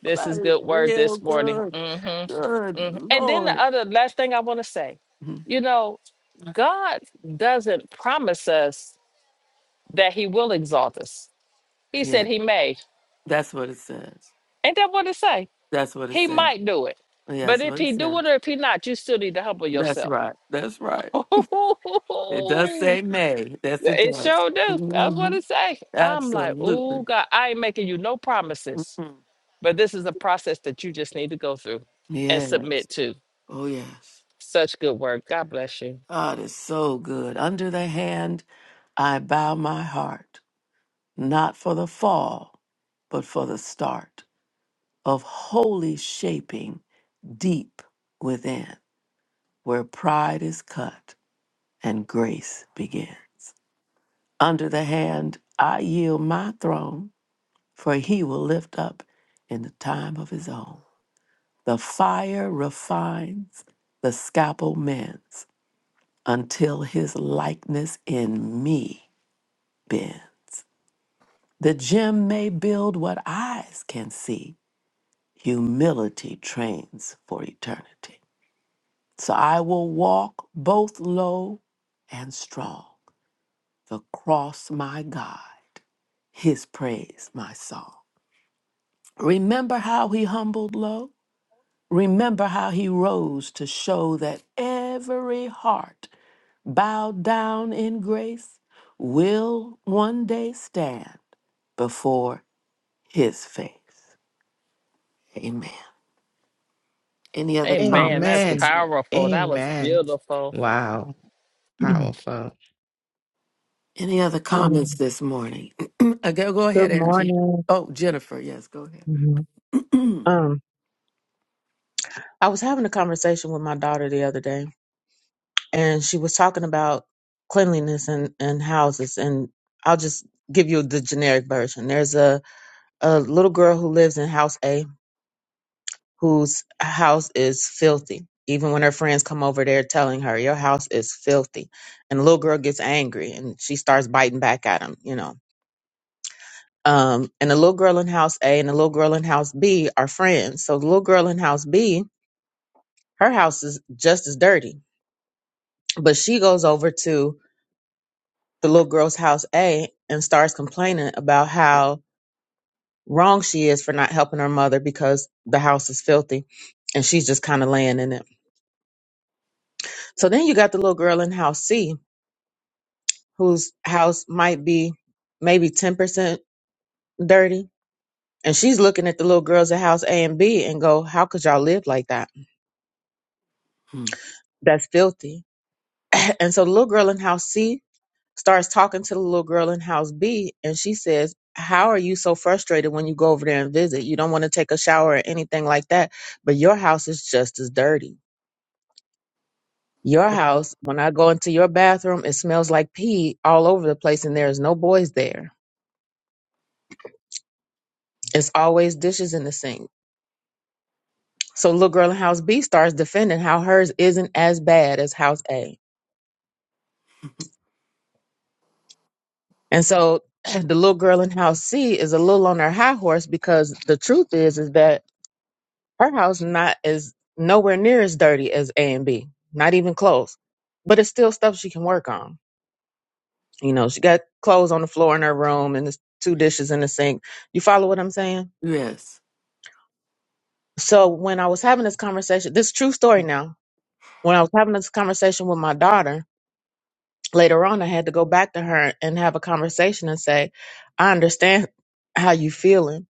S10: This
S1: That
S10: is
S1: is
S10: good word
S1: real
S10: this morning.
S1: good.
S10: hmm
S1: Good
S10: hmm And then the
S1: Lord.
S10: other last thing I want to say,
S1: Mhm.
S10: you know, God doesn't promise us that he will exalt us. He
S1: Yeah.
S10: said he may.
S1: That's what it says.
S10: Ain't that what it say?
S1: That's what it
S10: He
S1: says.
S10: might do it. But
S1: Yes,
S10: if
S1: what it
S10: he do
S1: says.
S10: it or if he not, you still need to humble
S1: That's
S10: yourself.
S1: right. That's right. It does
S10: it
S1: say may. Yes, it does.
S10: sure do. That's what
S1: hmm
S10: it say. I'm like, oh
S1: Absolutely.
S10: God, I ain't making you no promises.
S1: hmm
S10: But this is a process that you just need to go through and
S1: Yes.
S10: submit to.
S1: Oh, yes.
S10: Such good work. God bless you.
S1: God is so good. Under the hand, I bow my heart, not for the fall, but for the start of holy shaping deep within, where pride is cut and grace begins. Under the hand, I yield my throne, for he will lift up in the time of his own. The fire refines, the scalpel mends, until his likeness in me bends. The gym may build what eyes can see. Humility trains for eternity. So I will walk both low and strong. The cross, my God, his praise, my song. Remember how he humbled low? Remember how he rose to show that every heart bowed down in grace will one day stand before his face. Amen. Any other
S10: Amen.
S1: comments?
S10: That's
S1: this-
S11: Amen.
S10: powerful. That was
S11: Amen.
S10: beautiful.
S11: Wow.
S8: Mhm.
S11: Powerful.
S1: Any other comments
S8: Um,
S1: this morning? Uh, go, go ahead,
S8: good
S1: Angie.
S8: morning.
S1: Oh, Jennifer. Yes, go ahead.
S8: Mhm. Um, I was having a conversation with my daughter the other day, and she was talking about cleanliness and and houses. And I'll just give you the generic version. There's a a little girl who lives in house A whose house is filthy. Even when her friends come over, they're telling her, "Your house is filthy," and the little girl gets angry and she starts biting back at them. You know, Um, and the little girl in house A and the little girl in house B are friends. So the little girl in house B, her house is just as dirty, but she goes over to the little girl's house A and starts complaining about how wrong she is for not helping her mother because the house is filthy and she's just kind of laying in it. So then you got the little girl in house C whose house might be maybe 10% dirty. And she's looking at the little girls at house A and B and go, how could y'all live like that? That's filthy and so the little girl in house C starts talking to the little girl in house B, and she says, How are you so frustrated when you go over there and visit? You don't want to take a shower or anything like that, but your house is just as dirty. Your house, when I go into your bathroom, it smells like pee all over the place, and there is no boys there. It's always dishes in the sink. So little girl in house B starts defending how hers isn't as bad as house A. And so the little girl in house C is a little on her high horse because the truth is is that Her house not as nowhere near as dirty as A and B, not even close. But it's still stuff she can work on. You know, she got clothes on the floor in her room and there's two dishes in the sink. You follow what I'm saying?
S1: Yes,
S8: So when I was having this conversation, this true story now. When I was having this conversation with my daughter later on, I had to go back to her and have a conversation and say, "I understand how you feeling.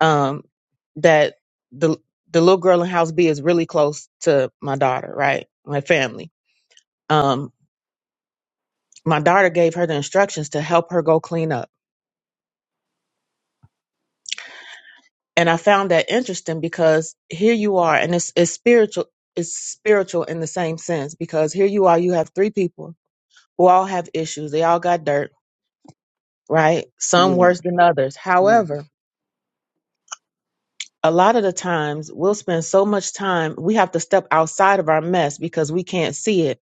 S8: Um, that the the little girl in house B is really close to my daughter, right? My family um, my daughter gave her the instructions to help her go clean up. And I found that interesting because here you are, and it's, it's spiritual, it's spiritual in the same sense because here you are, you have three people who all have issues. They all got dirt, right? Some worse than others. However, a lot of the times we'll spend so much time, we have to step outside of our mess because we can't see it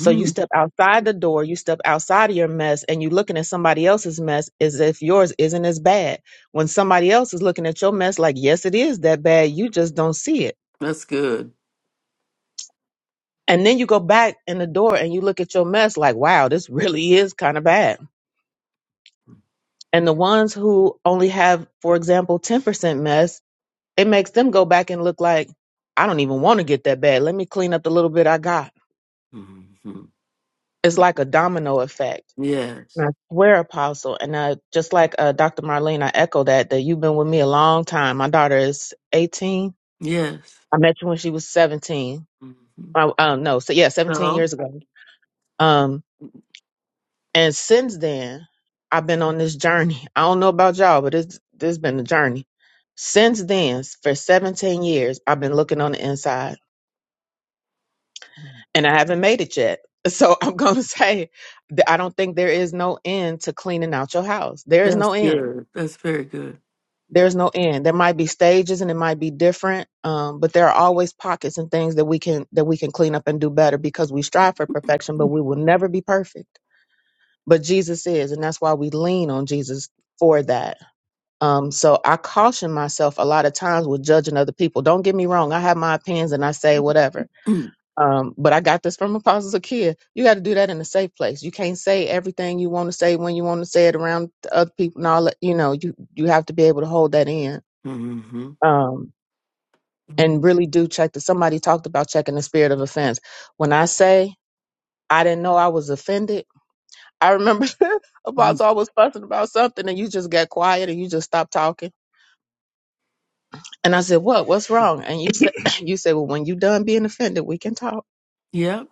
S8: So you step outside the door, you step outside of your mess, and you looking at somebody else's mess as if yours isn't as bad. When somebody else is looking at your mess like, yes, it is that bad, you just don't see it.
S1: that's good.
S8: And then you go back in the door and you look at your mess like, wow, this really is kind of bad. And the ones who only have, for example, 10% mess, it makes them go back and look like, I don't even want to get that bad. Let me clean up the little bit I got. It's like a domino effect
S1: Yes,
S8: I swear, Apostle, and uh, just like uh, Dr. Marlene, I echo that that you've been with me a long time. My daughter is 18.
S1: yes.
S8: I met you when she was 17.
S1: Mm-hmm.
S8: Oh, um, no, so yeah, 17
S1: No,
S8: years ago. Um, and since then, I've been on this journey. I don't know about y'all, but it's this has been a journey. Since then, for 17 years, I've been looking on the inside, and I haven't made it yet. So I'm gonna say that I don't think there is no end to cleaning out your house. There is no end
S1: that's very good.
S8: there's no end there might be stages and it might be different um, but there are always pockets and things that we can that we can clean up and do better because we strive for perfection but we will never be perfect but jesus is and that's why we lean on jesus for that um, so i caution myself a lot of times with judging other people don't get me wrong i have my opinions and i say whatever um, but i got this from apostle zakia you got to do that in a safe place you can't say everything you want to say when you want to say it around the other people and all that you know you you have to be able to hold that in um and really do check that somebody talked about checking the spirit of offense. When I say I didn't know I was offended, I remember
S1: Mhm.
S8: Apostle was fussing about something and you just got quiet and you just stopped talking. And I said, What? What's wrong? And you said you said, Well, when you done being offended, we can talk.
S1: Yep.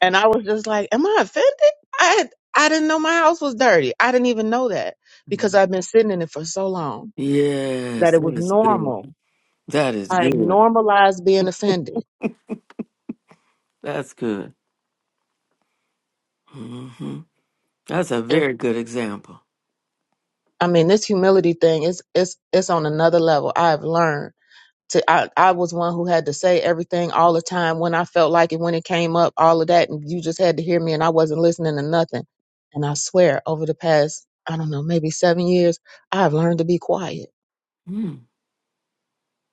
S8: And I was just like, Am I offended? I I didn't know my house was dirty. I didn't even know that because
S1: Mhm.
S8: I've been sitting in it for so long
S1: Yes,
S8: that it
S1: that
S8: was
S1: is good.
S8: normal.
S1: That is
S8: I had
S1: good.
S8: normalized being offended.
S1: That's good. hmm That's a very good example.
S8: I mean, this humility thing is it's it's on another level. I've learned to I, I was one who had to say everything all the time when I felt like it, when it came up, all of that, and you just had to hear me and I wasn't listening to nothing. And I swear, over the past, I don't know, maybe seven years, I've learned to be quiet.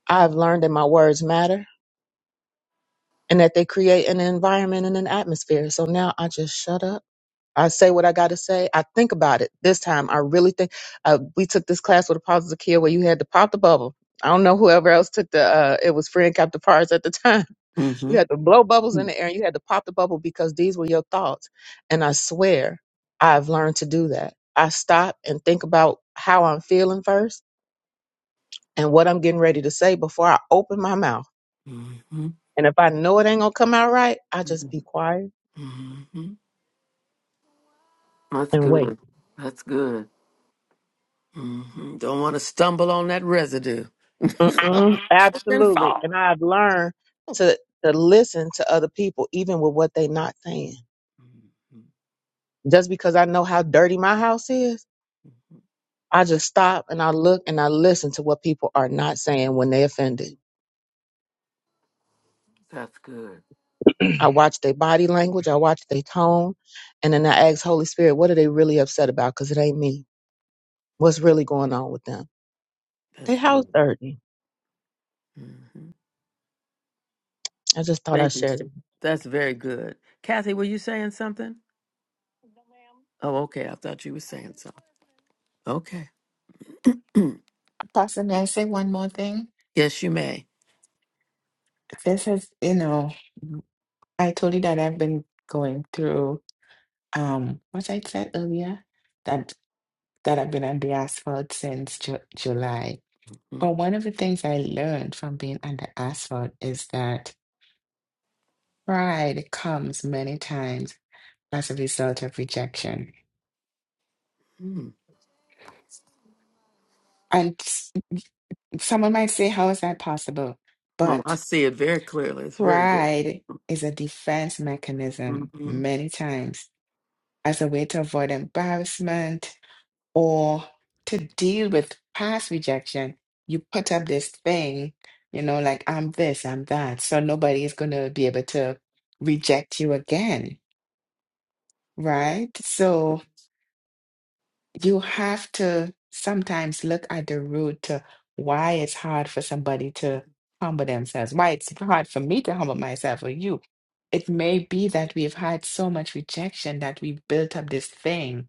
S8: I've learned that my words matter and that they create an environment and an atmosphere. So now I just shut up I say what I got to say. I think about it this time. I really think. Uh, we took this class with Apostle Zakia where you had to pop the bubble. I don't know whoever else took the. Uh, it was friend Captain captive parts at the time. You had to blow bubbles in the air and you had to pop the bubble because these were your thoughts. And I swear, I've learned to do that. I stop and think about how I'm feeling first and what I'm getting ready to say before I open my mouth.
S1: hmm
S8: And if I know it ain't gonna come out right, I just be quiet
S1: hmm That's
S8: and wait.
S1: good. That's good. hmm Don't want to stumble on that residue.
S8: Mm-mm,
S1: That's
S8: absolutely. And I've learned to to listen to other people, even with what they're not saying. Just because I know how dirty my house is, I just stop and I look and I listen to what people are not saying when they offended.
S1: good.
S8: I watch their body language, I watch their tone, and then I ask Holy Spirit, what are they really upset about? Because it ain't me. What's really going on with them? Their
S1: That's
S8: house
S1: good.
S8: dirty.
S1: Mm.
S8: I just thought I
S1: Thank you,
S8: shared it.
S1: Steve. That's very good. Kathy, were you saying something? Oh, okay. I thought you were saying something. Okay.
S11: Pastor, may I say one more thing?
S1: Yes, you may.
S11: This is, you know, I told you that I've been going through um what I said earlier, that that I've been on the asphalt since Ju- July. Well, one of the things I learned from being under asphalt is that pride comes many times as a result of rejection.
S1: hmm
S11: And s- someone might say, How is that possible?
S1: Well, I
S11: But
S1: see it very clearly. It's very good.
S11: pride is a defense mechanism
S1: hmm
S11: many times as a way to avoid embarrassment or to deal with past rejection. You put up this thing, you know, like I'm this, I'm that. So nobody is going to be able to reject you again Right. So you have to sometimes look at the root to why it's hard for somebody to humble themselves, why it's hard for me to humble myself or you. It may be that we've had so much rejection that we've built up this thing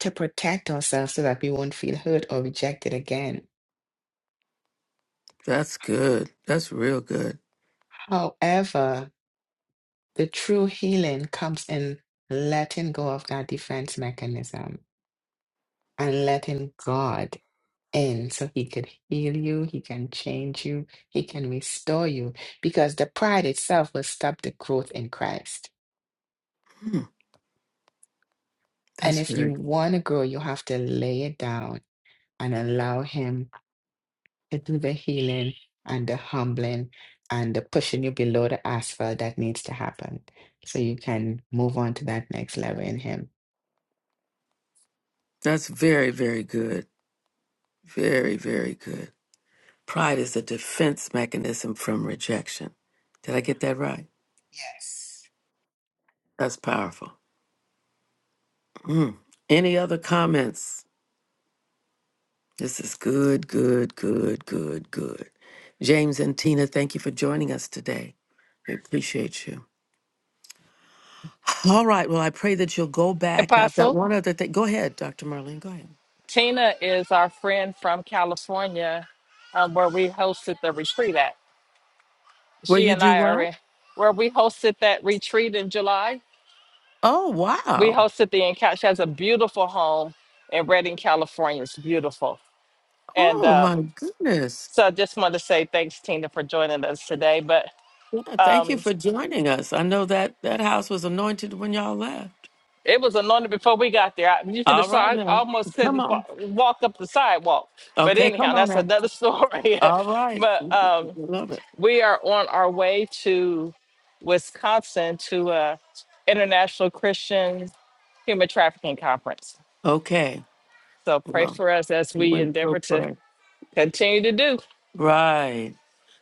S11: to protect ourselves so that we won't feel hurt or rejected again.
S1: That's good. That's real good.
S11: However, the true healing comes in letting go of that defense mechanism and letting God. in so he could heal you, he can change you, he can restore you because the pride itself will stop the growth in Christ. And
S1: That's
S11: if you
S1: very.
S11: want to grow, you have to lay it down and allow him to do the healing and the humbling and the pushing you below the asphalt that needs to happen so you can move on to that next level in Him.
S1: That's very, very good. Very, very good. Pride is a defense mechanism from rejection. Did I get that right?
S11: Yes.
S1: That's powerful. Mm. Any other comments? This is good, good, good, good, good. James and Tina, thank you for joining us today. We appreciate you. All right. Well, I pray that you'll go back. I've got
S10: Apostle.
S1: one other thing. Go ahead, Dr. Marlene. Go ahead.
S10: Tina is our friend from California, um, where we hosted the retreat at.
S1: Where
S10: She
S1: you
S10: and
S1: do
S10: I are
S1: what?
S10: in, where we hosted that retreat in July.
S1: Oh,
S10: We
S1: wow.
S10: hosted the encounter. She has a beautiful home in Redding, California. It's beautiful. And
S1: Oh, my
S10: um,
S1: goodness.
S10: so I just want to say thanks, Tina, for joining us today. But
S1: Yeah, thank you
S10: um,
S1: for joining us. I know that that house was anointed when y'all left.
S10: it was anointed before we got there. I, you should have
S1: All
S10: saw,
S1: right,
S10: I
S1: now.
S10: almost
S1: Come
S10: couldn't fa-
S1: on.
S10: walk up the sidewalk. But
S1: Okay,
S10: anyhow,
S1: come on
S10: that's
S1: now.
S10: another story.
S1: All right.
S10: but um,
S1: Love it.
S10: we are on our way to Wisconsin to a International Christian Human Trafficking Conference.
S1: Okay.
S10: So pray
S1: Well,
S10: for us as we
S1: we will
S10: endeavor to
S1: pray.
S10: continue to do.
S1: Right.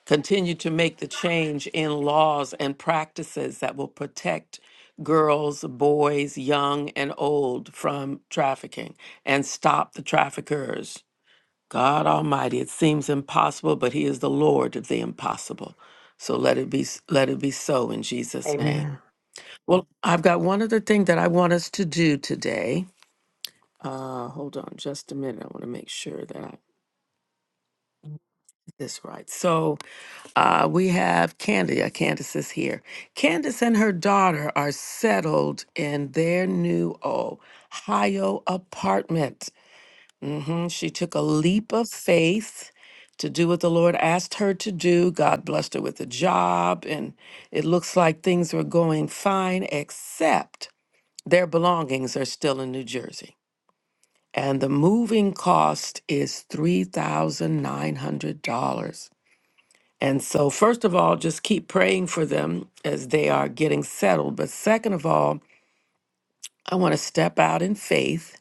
S1: Continue to make the change in laws and practices that will protect girls, boys, young and old from trafficking and stop the traffickers. God Almighty, it seems impossible, but He is the Lord of the impossible. So let it be let it be so in Jesus' name.
S4: Amen.
S1: Well, I've got one other thing that I want us to do today. Uh, hold on just a minute. I want to make sure that I That's right. So uh, we have Candia. Candace is here. Candace and her daughter are settled in their new Ohio apartment. hmm She took a leap of faith to do what the Lord asked her to do. God blessed her with a job, and it looks like things were going fine, except their belongings are still in New Jersey. And the moving cost is $3,900. And so, first of all, just keep praying for them as they are getting settled. But second of all, I want to step out in faith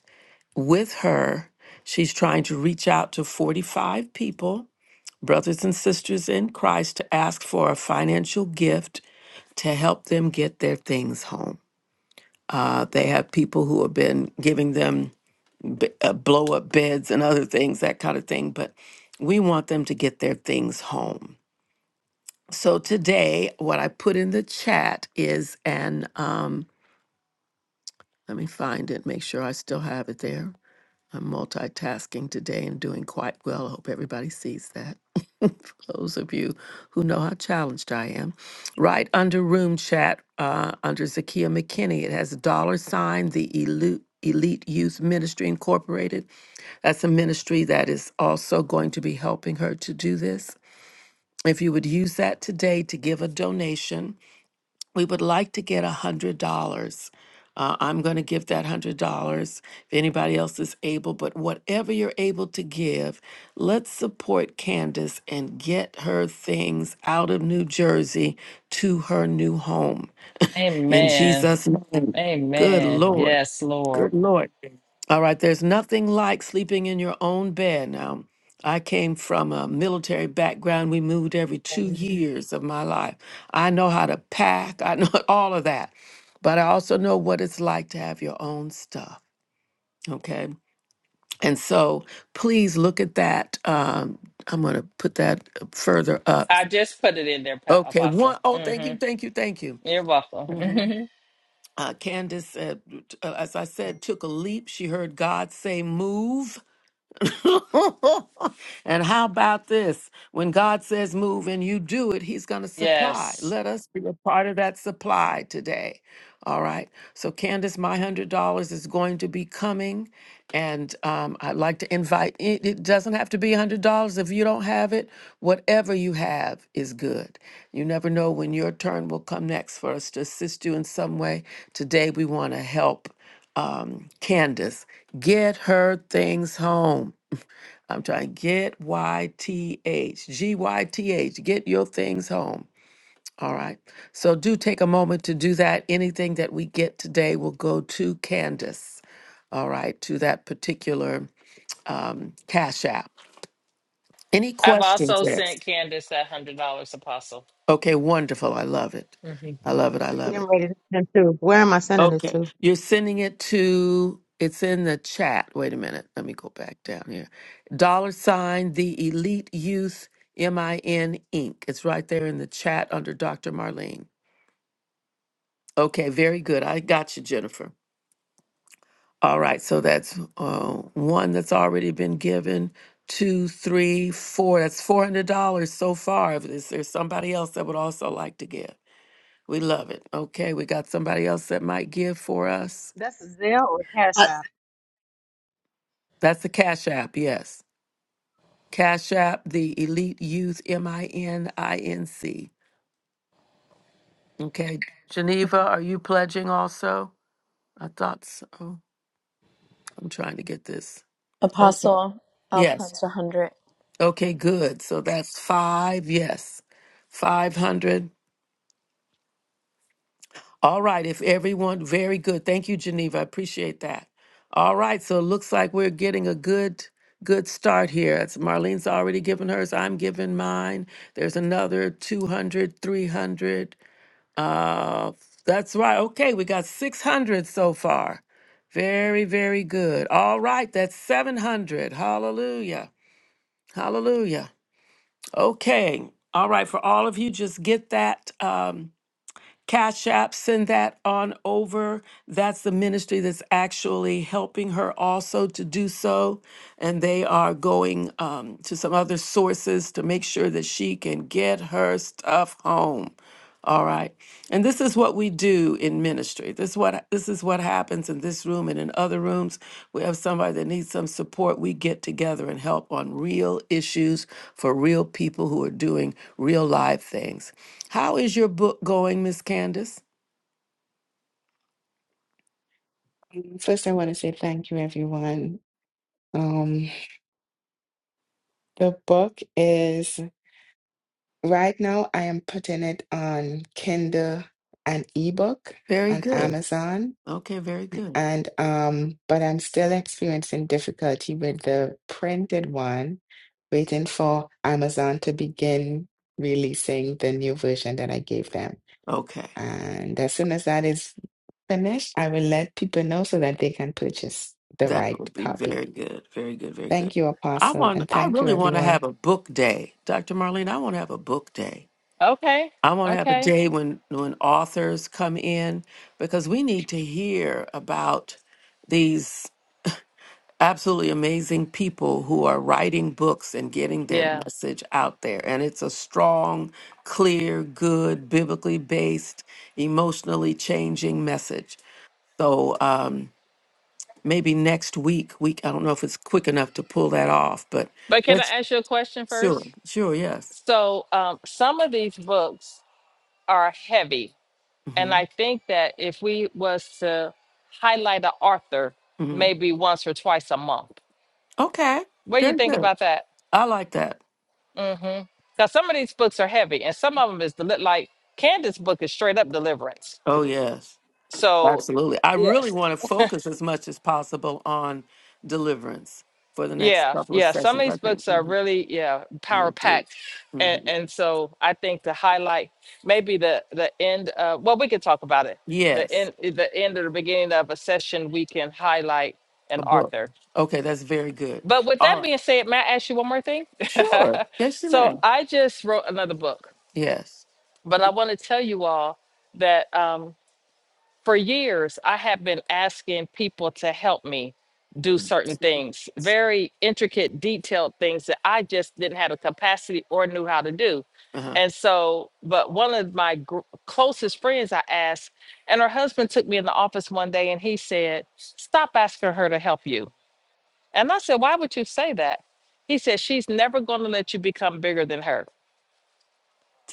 S1: with her. She's trying to reach out to 45 people, brothers and sisters in Christ, to ask for a financial gift to help them get their things home. Uh, they have people who have been giving them b- uh, blow up beds and other things, that kind of thing. But we want them to get their things home. So today, what I put in the chat is an, um, let me find it, make sure I still have it there. I'm multitasking today and doing quite well. I hope everybody sees that. For those of you who know how challenged I am, right under room chat, uh, under Zakia McKinney, it has a dollar sign, the Elite, Elite Youth Ministry Incorporated. That's a ministry that is also going to be helping her to do this. If you would use that today to give a donation, we would like to get a hundred dollars. Uh, I'm going to give that one hundred dollars if anybody else is able, but whatever you're able to give, let's support Candace and get her things out of New Jersey to her new home. In
S10: Amen.
S1: Jesus' name. Good
S10: Amen.
S1: Lord.
S10: Yes, Lord.
S1: Good Lord. All right, there's nothing like sleeping in your own bed. Now, I came from a military background. We moved every two years of my life. I know how to pack, I know all of that. But I also know what it's like to have your own stuff. Okay. And so please look at that. Um, I'm going to put that further up.
S10: I just put it in there, Pa-
S1: Okay.
S10: Apostle.
S1: One, oh, thank
S10: hmm
S1: you. Thank you. Thank you.
S10: You're welcome.
S1: hmm Uh, Candace, uh, t- uh, as I said, took a leap. She heard God say, move and how about this? When God says move and you do it, He's going to supply.
S10: yes.
S1: Let us be a part of that supply today. All right. So, Candace, my $100 is going to be coming. And um, I'd like to invite it. It doesn't have to be $100 if you don't have it. Whatever you have is good. You never know when your turn will come next for us to assist you in some way. Today, we want to help um, Candace, get her things home. I'm trying to get y t h g y t h get your things home. All right. So do take a moment to do that. Anything that we get today will go to Candace. All right, to that particular um, cash app. Any
S10: I've
S1: questions?
S10: also sent
S1: Yes.
S10: Candace that hundred dollars, Apostle.
S1: Okay, wonderful. I love it.
S10: hmm
S1: I love it. I
S8: I'm
S1: love
S8: getting
S1: it.
S8: ready to send it to. Where am I sending it
S1: Okay.
S8: to?
S1: You're sending it to, it's in the chat. Wait a minute. Let me go back down here. Dollar sign, the Elite Youth MIN Inc. It's right there in the chat under Dr. Marlene. Okay. Very good. I got you, Jennifer. All right. So that's uh, one that's already been given. Two, three, four. That's $400 so far. If there's there's somebody else that would also like to give, we love it. Okay. We got somebody else that might give for us.
S8: That's a Zelle or Cash App.
S1: That's the Cash App. Yes. Cash App, the Elite Youth, M I N I N C. Okay. Geneva, are you pledging also? I thought so. I'm trying to get this. Okay.
S6: Apostle, I'll
S1: Yes.
S6: pledge a hundred.
S1: Okay, good. So that's five. Yes. 500. All right. If everyone, very good. Thank you, Geneva. I appreciate that. All right. So it looks like we're getting a good. Good start here. It's Marlene's already given hers. I'm giving mine. There's another 200, 300. Uh, that's right. Okay, we got 600 so far. Very, very good. All right, that's 700. Hallelujah. Hallelujah. Okay. All right, for all of you, just get that um, Cash App, send that on over. That's the ministry that's actually helping her also to do so. And they are going um, to some other sources to make sure that she can get her stuff home. All right. And this is what we do in ministry. This is what this is what happens in this room and in other rooms. We have somebody that needs some support. We get together and help on real issues for real people who are doing real live things. How is your book going, Miss Candace?
S11: First, I want to say thank you, everyone. Um, the book is. Right now, I am putting it on Kindle and ebook
S1: Very
S11: on
S1: good.
S11: Amazon,
S1: Okay, very good.
S11: and um, but I'm still experiencing difficulty with the printed one, waiting for Amazon to begin releasing the new version that I gave them.
S1: Okay.
S11: And as soon as that is finished, I will let people know so that they can purchase the
S1: That
S11: right
S1: would be
S11: copy.
S1: very good. Very good. Very good.
S11: Thank you,
S1: I
S11: Apostle,
S1: want
S11: and
S1: I
S11: thank you,
S1: really want to
S11: everyone.
S1: have a book day. Dr. Marlene, I want to have a book day.
S10: Okay.
S1: I want to have a
S10: Okay.
S1: day when when authors come in because we need to hear about these absolutely amazing people who are writing books and getting their
S10: Yeah.
S1: message out there and it's a strong, clear, good, biblically based, emotionally changing message. So um maybe next week week I don't know if it's quick enough to pull that off but
S10: But can I
S1: let's
S10: ask you a question first?
S1: sure sure yes.
S10: So, um, some of these books are heavy And
S1: Mhm.
S10: I think that if we was to highlight an author
S1: Mhm.
S10: maybe once or twice a month,
S1: Okay.
S10: what do you
S1: Very
S10: think
S1: good.
S10: about that?
S1: I like that.
S10: Mm-hmm. Because some of these books are heavy, and some of them is deli- like Candace's book is straight up deliverance.
S1: Oh, yes,
S10: So
S1: absolutely. I really
S10: yes,
S1: want to focus as much as possible on deliverance for the next
S10: yeah,
S1: couple of
S10: yeah. Some of
S1: sessions.
S10: these
S1: I think.
S10: books are
S1: hmm
S10: really yeah power
S1: Indeed.
S10: packed,
S1: hmm
S10: and and so I think to highlight maybe the the end. Uh, well, we could talk about it. The
S1: Yes,
S10: end, the end or the beginning of a session, we can highlight an
S1: a book.
S10: author
S1: Okay, that's very good.
S10: But with
S1: All
S10: that
S1: right.
S10: being said, may I ask you one more thing?
S1: Sure. Yes, you
S10: so
S1: may.
S10: I just wrote another book,
S1: Yes.
S10: but I want to tell you all that um, for years I have been asking people to help me do certain things, very intricate, detailed things that I just didn't have the capacity or knew how to do.
S1: Uh-huh.
S10: And so, but one of my gr- closest friends I asked, and her husband took me in the office one day and he said, Stop asking her to help you and I said, Why would you say that? He said, She's never going to let you become bigger than her.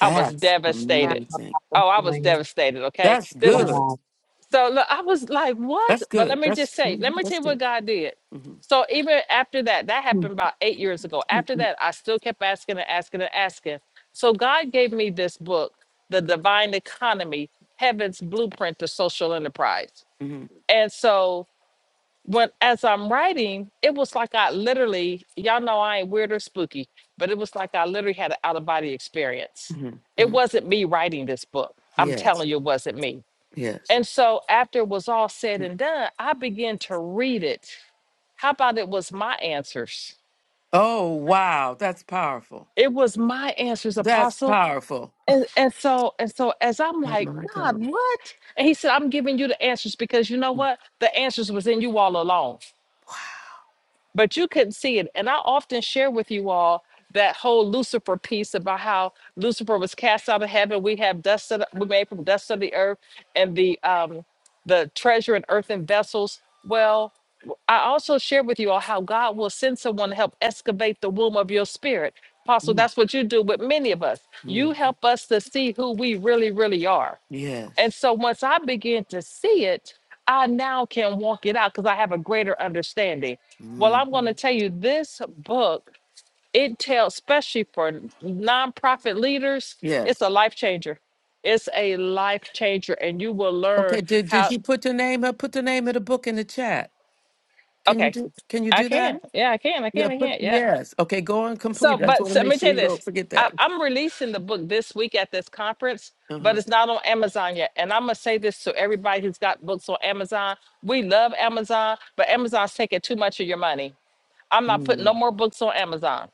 S10: I was
S8: I
S10: devastated.
S1: amazing.
S8: don't
S10: Oh, I was
S8: know.
S10: devastated. Okay.
S1: That's
S10: This is
S1: good.
S8: Wow.
S10: so look, I was like, What?
S1: That's
S10: But let
S1: good.
S10: me
S1: That's
S10: just say, let
S1: mhm,
S10: me tell
S1: that's
S10: you what
S1: good.
S10: God did.
S1: hmm
S10: So even after that, that happened about eight years ago. After that, I still kept asking and asking and asking. So God gave me this book, The Divine Economy Heaven's Blueprint to Social Enterprise.
S1: hmm
S10: And so when as I'm writing, it was like I literally, y'all know I ain't weird or spooky, but it was like I literally had an out of body experience.
S1: hmm
S10: It
S1: hmm
S10: wasn't me writing this book. I'm
S1: Yes.
S10: telling you, it wasn't me.
S1: Yes.
S10: And so after it was all said and done, I began to read it. How about it was my answers?
S1: Oh wow, that's powerful.
S10: It was my answers,
S1: That's
S10: Apostle.
S1: powerful.
S10: And and so and so as I'm
S1: Oh
S10: like,
S1: my
S10: God,
S1: God.
S10: what? And he said, I'm giving you the answers because you know what? The answers was in you all along. but you couldn't see it. And I often share with you all that whole Lucifer piece about how Lucifer was cast out of heaven. We have dust of the, we made from dust of the earth and the um the treasure in earthen vessels. Well, I also share with you all how God will send someone to help excavate the womb of your spirit. Apostle, that's what you do with many of us.
S1: Mm-hmm.
S10: You help us to see who we really, really are. And
S1: Yes.
S10: so once I begin to see it, I now can walk it out because I have a greater understanding. Well,
S1: hmm
S10: I'm going to tell you this book, it tells, especially for nonprofit leaders, it's
S1: Yes.
S10: a life changer. It's a life changer, and you will learn
S1: Okay. Did Did
S10: how.
S1: you put the name up? Put the name of the book in the chat. Can you
S10: Okay,
S1: do Can you
S10: I
S1: do that?
S10: can. Yeah, I can. I
S1: Yeah.
S10: can. I
S1: Put
S10: can. Yeah.
S1: yes. Okay. Go and
S10: So,
S1: complete. it. I just
S10: but
S1: want to
S10: so, let
S1: make
S10: me tell
S1: sure
S10: you
S1: you
S10: this.
S1: don't forget
S10: I,
S1: that.
S10: I'm releasing the book this week at this conference,
S1: Uh
S10: but
S1: huh.
S10: it's not on Amazon yet. And I'm gonna say this to everybody who's got books on Amazon. We love Amazon, but Amazon's taking too much of your money. I'm not putting no
S1: Mm.
S10: more books on Amazon.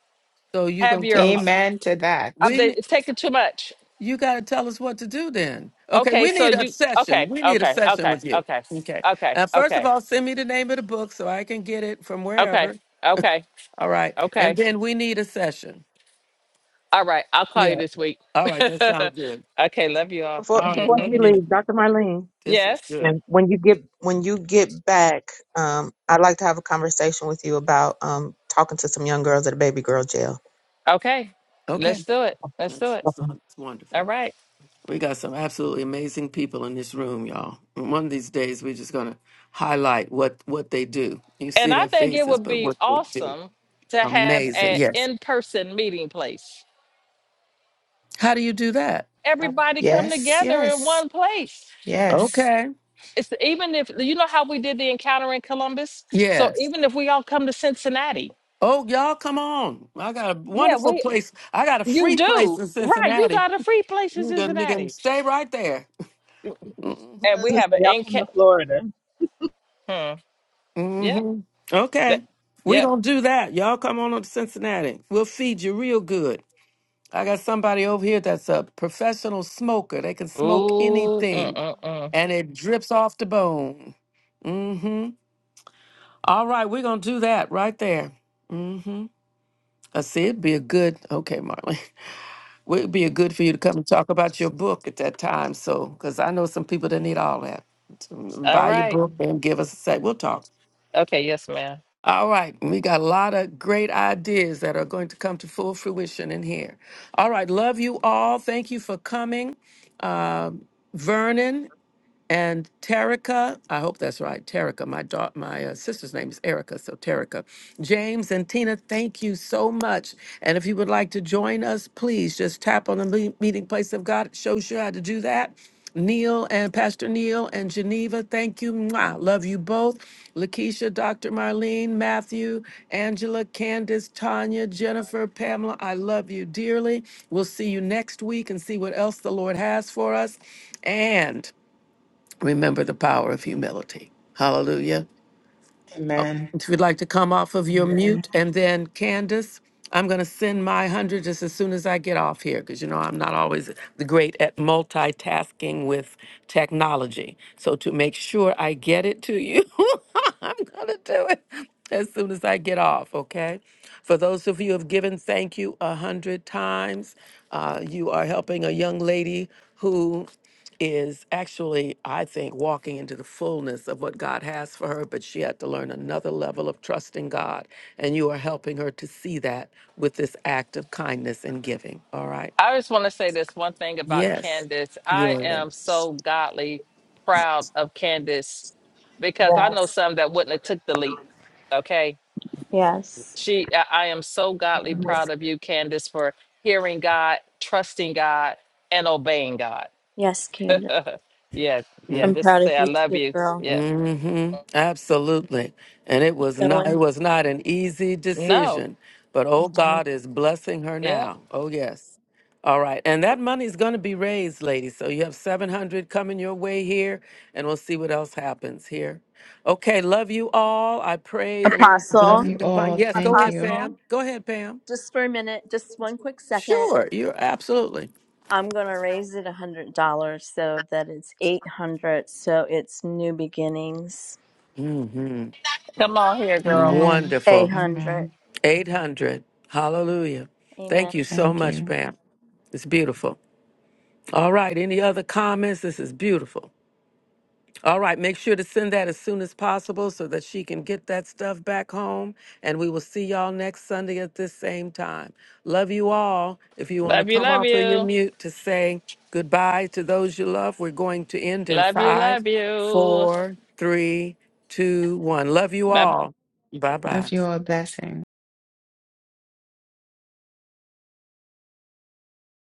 S1: So you
S10: Have
S1: gonna
S10: your,
S1: tell us?
S11: Amen to that.
S10: I'm,
S1: We
S10: they,
S1: ne-
S10: it's taking too much.
S1: you got to tell us what to do then. Okay.
S10: Okay,
S1: We
S10: so
S1: need a
S10: you,
S1: session.
S10: okay,
S1: We need a
S10: okay,
S1: session
S10: okay,
S1: with you.
S10: okay,
S1: Okay.
S10: okay,
S1: Now, first of
S10: okay,
S1: all, send me the name of the book so I can get it from
S10: okay,
S1: wherever.
S10: okay,
S1: All right. And
S10: okay.
S1: then we need a session.
S10: All right, I'll call you
S1: Yeah.
S10: this week.
S1: All right. That sounds good.
S10: okay, love you all.
S8: Before
S1: All right,
S8: before
S1: love
S8: she
S1: you.
S8: leaves, Dr. Marlene,
S1: This is
S10: Yes.
S1: good.
S8: and when you get when you get back, um, I'd like to have a conversation with you about um talking to some young girls at a baby girl jail.
S10: Okay,
S1: Okay,
S10: let's do it. Let's do
S1: that's,
S10: it.
S1: it's
S8: Okay.
S1: on- it's
S10: All
S1: wonderful.
S10: right.
S1: We got some absolutely amazing people in this room, y'all. And One of these days, we're just gonna highlight what what they do. You
S10: And
S1: see
S10: I
S1: their
S10: think it
S1: faces,
S10: would
S1: but
S10: be
S1: what they do,
S10: awesome to have
S1: amazing.
S10: an
S1: Yes.
S10: in person meeting place.
S1: How do you do that?
S10: Everybody come
S11: Yes,
S10: together in
S11: yes,
S10: one place.
S11: yes.
S1: Okay.
S10: It's even if you know how we did the encounter in Columbus. So
S1: Yes.
S10: even if we all come to Cincinnati,
S1: Oh, y'all, come on! I got a
S10: yeah,
S1: wonderful
S10: we
S1: place. I got a
S10: you
S1: free place
S10: do
S1: in
S10: right. You
S1: Cincinnati.
S10: got a free place in
S1: You can, you can
S10: Cincinnati,
S1: stay right there.
S8: I
S10: and
S8: was
S10: we
S8: gonna
S10: have
S8: say,
S10: an
S8: y'all
S10: in.
S8: come to Florida.
S10: Hmm. Yep.
S1: hmm
S10: That,
S1: Okay. We're
S10: yep.
S1: going to do that. Y'all come on up to Cincinnati. We'll feed you real good. I got somebody over here that's a professional smoker. They can smoke
S10: Ooh. Mm,
S1: anything
S10: mm, mm.
S1: and it drips off the bone. Mm-hmm. All right. We're going to do that right there. Mm-hmm. I see it'd be a good, okay, Marlon. It'd be a good for you to come and talk about your book at that time. So, because I know some people that need all that. So,
S10: All
S1: Buy your
S10: right.
S1: book and give us a sec. We'll talk.
S10: Okay. Yes, ma'am.
S1: All right, we got a lot of great ideas that are going to come to full fruition in here. All right, love you all. Thank you for coming. Uh, Vernon and Terica, I hope that's right. Terica, my daughter, my uh, sister's name is Erica, so Terica, James and Tina, thank you so much. And if you would like to join us, please just tap on the me- meeting place of God. It shows you how to do that. Neil and Pastor Neil and Geneva, thank you. Mwah. Love you both. Lakeisha, Dr. Marlene, Matthew, Angela, Candace, Tanya, Jennifer, Pamela, I love you dearly. We'll see you next week and see what else the Lord has for us. And Remember the power of humility. Hallelujah.
S11: Amen.
S1: If you'd like to come off of your mute, and then Candace, I'm going to send my 100 just as soon as I get off here because you know I'm not always the great at multitasking with technology. So to make sure I get it to you, I'm going to do it as soon as I get off, okay? For those of you who have given thank you a hundred times, uh, you are helping a young lady who is actually, I think, walking into the fullness of what God has for her, but she had to learn another level of trusting God. And you are helping her to see that with this act of kindness and giving. All right.
S10: I just want to say this one thing about
S1: Yes.
S10: Candace. I am
S1: Yes.
S10: so godly proud of Candace because I know
S6: Yes.
S10: some that wouldn't have took the leap. Okay,
S6: Yes.
S10: she. I I am so godly proud of you, Candace, for hearing God, trusting God, and obeying God.
S6: Yes, Candace.
S10: yeah,
S1: Mm-hmm.
S10: yeah.
S6: I'm proud
S10: Just
S6: of
S10: say I
S6: you
S10: love
S6: too,
S10: you.
S6: girl.
S10: Yeah.
S1: hmm Absolutely. And it was not it
S6: Going.
S1: was not an easy
S10: No.
S1: decision, but oh God is blessing her
S10: Yeah.
S1: now. Oh yes. All right. And that money's going to be raised, ladies. So you have 700 coming your way here and we'll see what else happens here. Okay, love you all. I pray the Lord's
S11: Love
S6: Apostle.
S1: blessing
S11: you
S1: upon.
S11: all.
S1: Yes, go
S11: Thank
S1: ahead,
S11: you.
S1: Pam.
S6: Apostle.
S1: Go ahead, Pam.
S6: Just for a minute, just one quick second.
S1: Sure. You're absolutely.
S6: I'm gonna raise it a hundred dollars so that it's eight hundred. So it's new beginnings.
S1: hmm
S10: Come on here, girl.
S11: Amen.
S6: Eight
S1: Wonderful.
S6: hundred.
S11: Amen.
S1: 800. Hallelujah.
S6: Amen.
S1: Thank you so
S11: Thank
S1: much,
S11: you.
S1: Pam. It's beautiful. All right. Any other comments? This is beautiful. All right. Make sure to send that as soon as possible so that she can get that stuff back home. And we will see y'all next Sunday at this same time. Love you all. If you want to
S10: Love you.
S1: come
S10: Love
S1: off of your
S10: you.
S1: mute to say goodbye to those you love, we're going to end in
S10: Love you.
S1: five,
S10: Love you.
S1: four, three, two, one. Love you
S10: Bye
S1: all. Bye
S11: Love
S1: bye.
S11: you all. Blessings.